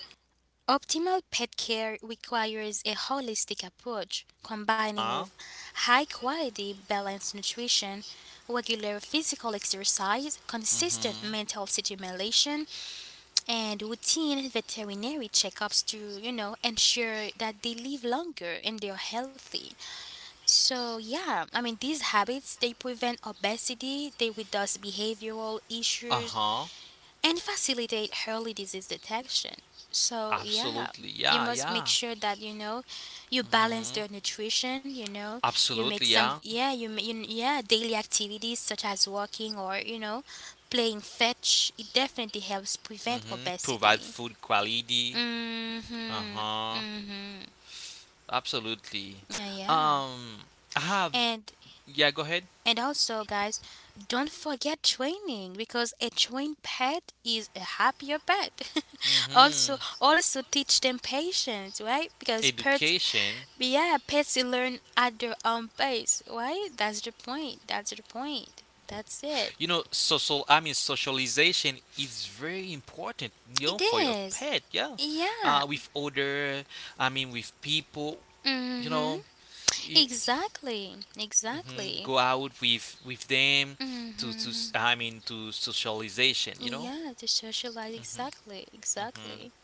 A: optimal pet care requires a holistic approach combining
B: Uh,
A: with high quality, balanced nutrition, regular physical exercise, consistent
B: mm-hmm.
A: mental stimulation, and routine veterinary checkups to, you know, ensure that they live longer and they're healthy. So, yeah, I mean, these habits, they prevent obesity, they reduce behavioral issues
B: Uh-huh.
A: and facilitate early disease detection. So, yeah,
B: Absolutely.
A: you
B: Yeah,
A: must
B: yeah.
A: make sure that you know you balance their
B: Mm-hmm.
A: nutrition, you know, you make
B: Absolutely,
A: some
B: yeah.
A: yeah, you, ma- you yeah, daily activities such as walking or, you know, playing fetch. It definitely helps prevent
B: Mm-hmm. Provide
A: obesity.
B: food quality.
A: Mhm.
B: Uh-huh.
A: Mhm.
B: Absolutely.
A: Yeah.
B: Um, I have,
A: And
B: yeah, go ahead.
A: And also, guys, don't forget training because a trained pet is a happier pet. Also,
B: Mm-hmm.
A: also teach them patience, right? Because pets,
B: Education.
A: yeah, pets learn at their own pace, right? That's the point. That's the point. That's it.
B: You know, social. I mean, socialization is very important. You know,
A: It
B: for your
A: is.
B: pet. Yeah,
A: Yeah.
B: with other. I mean, with people. You
A: Mhm.
B: know, y-
A: Exactly.
B: mhm,
A: Exactly.
B: go out with them
A: Mhm.
B: I mean, to socialization. You know.
A: Yeah, to socialize. Exactly. Exactly.
B: hmm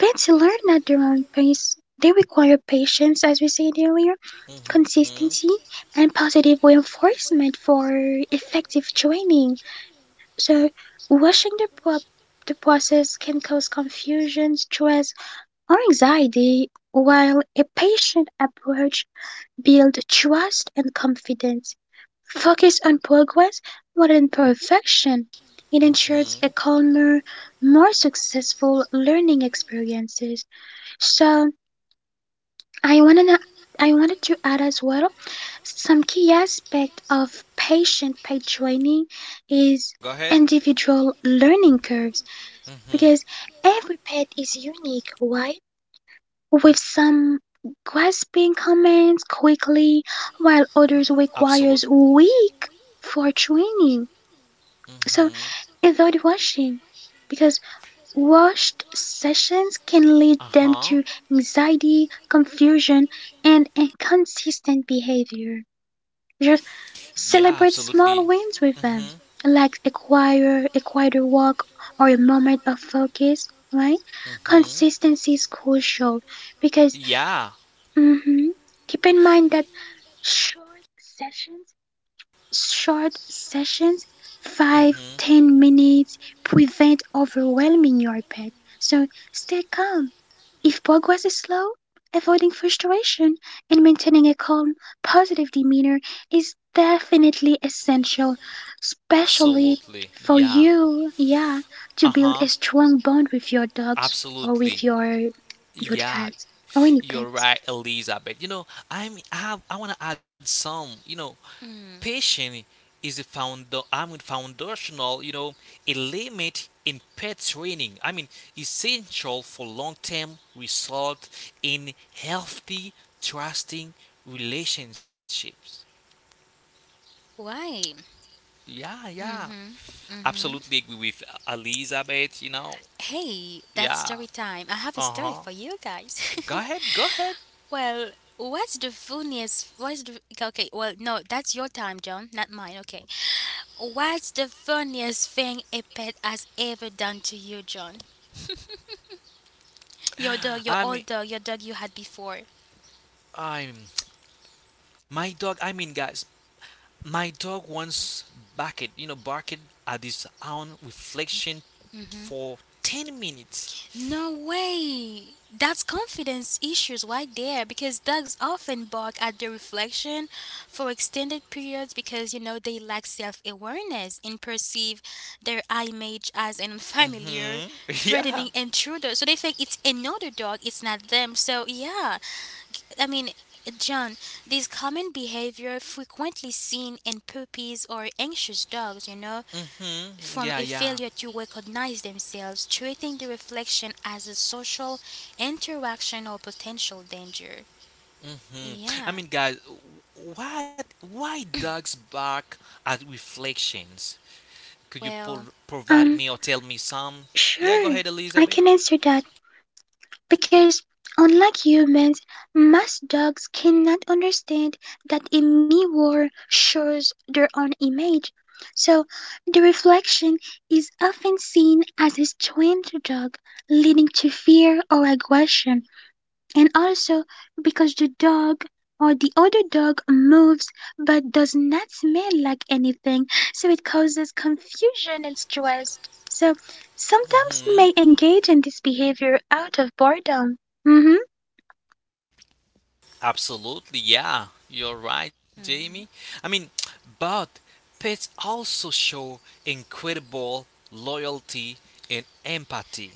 C: Pets learn at their own pace. They require patience, as we said earlier,
B: hmm
C: consistency, and positive reinforcement for effective training. So, rushing the process can cause confusion, stress, or anxiety, while a patient approach builds trust and confidence. Focus on progress rather than perfection. It ensures
B: hmm
C: a calmer, more successful learning experiences. So, I wanna I wanted to add as well some key aspect of patient paid training is
B: Go ahead.
C: individual learning curves
B: hmm
C: because every pet is unique, right? With some grasping comments quickly while others
B: Absolute.
C: requires week for training. So
B: hmm
C: avoid rushing because rushed sessions can lead them to anxiety, confusion, and inconsistent behavior. Just
B: Yeah,
C: celebrate
B: even
C: small wins with
B: Mhm.
C: them, like a choir, a quieter walk, or a moment of focus, right?
B: Mhm.
C: Consistency is crucial because
B: Yeah.
C: mhm, keep in mind that short sessions, short sessions, 5,
B: Mhm.
C: 10 minutes, prevent overwhelming your pet. So stay calm if progress is slow, avoiding frustration and maintaining a calm, positive demeanor is definitely essential, especially for you, yeah, to build
B: To
C: a strong bond with your dogs or with your
B: Yeah.
C: cat or any
B: You're
C: pets.
B: right, Elizabeth. You know, I want to add some. You know,
A: Mm.
B: patience is a found I mean foundational. You know, element in pet training. I mean, essential for long-term result in healthy, trusting relationships.
A: Why?
B: Yeah, yeah.
A: Mhm. Mhm.
B: Absolutely agree with Elizabeth. You know,
A: Hey, that's
B: yeah.
A: story time. I have a
B: Uh
A: story for
B: huh.
A: you guys.
B: Go ahead. Go ahead.
A: well, what's the funniest? What's the okay? Well, no, that's your time, John, not mine. Okay. What's the funniest thing a pet has ever done to you, John? Your dog, your
B: I
A: old
B: mean,
A: dog, your dog you had before.
B: I'm my dog. I mean, guys, my dog once barked at his own reflection for 10 minutes.
A: No way! That's confidence issues right there, because dogs often bark at the reflection for extended periods because, you know, they lack self awareness and perceive their eye image as an unfamiliar,
B: hmm
A: threatening
B: Yeah.
A: intruder. So they think it's another dog, it's not them. So, yeah, I mean, John, this common behavior frequently seen in puppies or anxious dogs, you know, from
B: Yeah,
A: a
B: yeah.
A: failure to recognize themselves, treating the reflection as a social interaction or potential danger.
B: hmm I
A: Yeah.
B: mean, guys, why dogs bark at reflections? Could you
A: Well,
B: provide
C: Um,
B: me or tell me some? Yeah, go
C: sure,
B: ahead,
C: I
B: Elizabeth.
C: can answer that. Because, unlike humans, most dogs cannot understand that a mirror shows their own image, so the reflection is often seen as a strange dog, leading to fear or aggression and also because the dog or the other dog moves but does not smell like anything, so it causes confusion and stress. So some dogs
B: hmm
C: may engage in this behavior out of boredom. Mm-hmm.
B: Absolutely, yeah, you're right, Jamie. I mean, but pets also show incredible loyalty and empathy.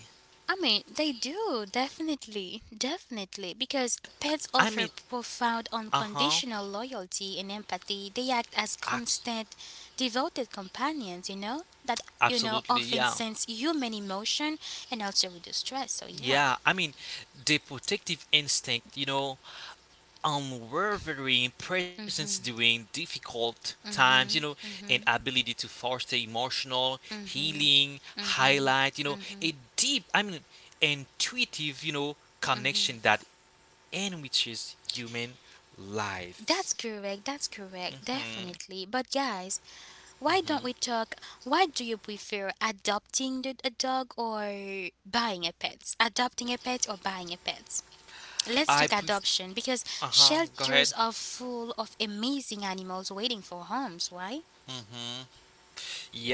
A: I mean, they do, definitely, definitely, because pets
B: I
A: offer
B: mean,
A: profound
B: uh huh,
A: unconditional loyalty and empathy. They act as constant, devoted companions, you know, that, you
B: absolutely,
A: know,
B: yeah.
A: often sense human emotion and also reduce stress. So,
B: Yeah,
A: yeah,
B: I mean, the protective instinct, you know, unwavering presence during difficult times, you know, and ability to foster emotional healing, highlight, you know, a deep, I mean, intuitive, you know, connection that enriches human lives.
A: that's correct,
B: hmm
A: definitely. But, guys,
B: hmm
A: why don't we talk? Why do you prefer adopting a dog or buying a pet? Adopting a pet or buying a pet? Let's
B: I
A: talk
B: pref-
A: adoption because
B: uh huh. Go
A: shelters
B: ahead.
A: are full of amazing animals waiting for homes. Why?
B: hmm Yeah.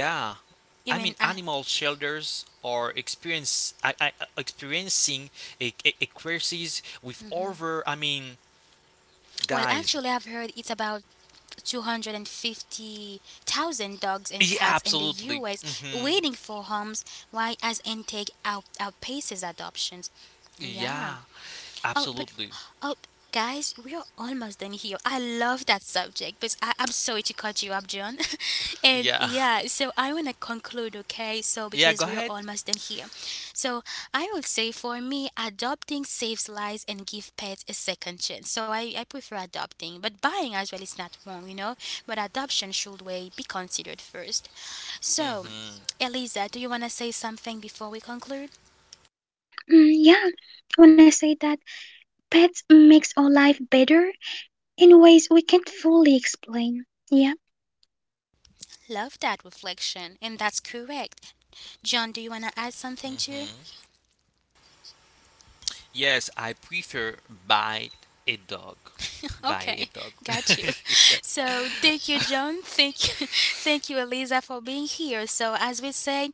B: I mean,
A: You mean,
B: animal
A: uh,
B: shelters are experiencing a crisis with over. I mean,
A: well,
B: guys,
A: actually, I've heard it's about 250,000 dogs and
B: yeah,
A: cats in the
B: absolutely.
A: US waiting for homes. Why? As intake outpaces adoptions. Yeah.
B: Yeah,
A: Oh, but
B: absolutely.
A: oh, guys, we are almost done here. I love that subject, but I'm sorry to cut you up, John. And
B: Yeah.
A: yeah, so I want to conclude, okay? So
B: Yeah,
A: because
B: go
A: we are
B: ahead.
A: almost done here, so I would say for me, adopting saves lives and give pets a second chance. So I prefer adopting, but buying as well is not wrong, you know. But adoption should way be considered first. So.
B: hmm
A: Eliza, do you want to say something before we conclude?
C: Mm, yeah, when I say that, pets makes our life better in ways we can't fully explain. Yeah.
A: Love that reflection, and that's correct. John, do you want to add something to?
B: hmm Yes, I prefer bite a dog.
A: Okay,
B: Buy a dog.
A: got you. So thank
B: Yeah.
A: you, John. Thank you, thank you, Eliza, for being here. So as we say,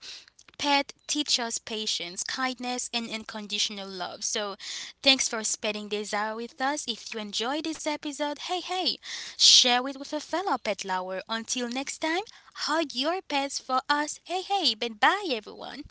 A: pet teach us patience, kindness, and unconditional love. So thanks for spending this hour with us. If you enjoyed this episode, hey hey, share it with a fellow pet lover. Until next time, hug your pets for us. Hey hey, bye bye everyone.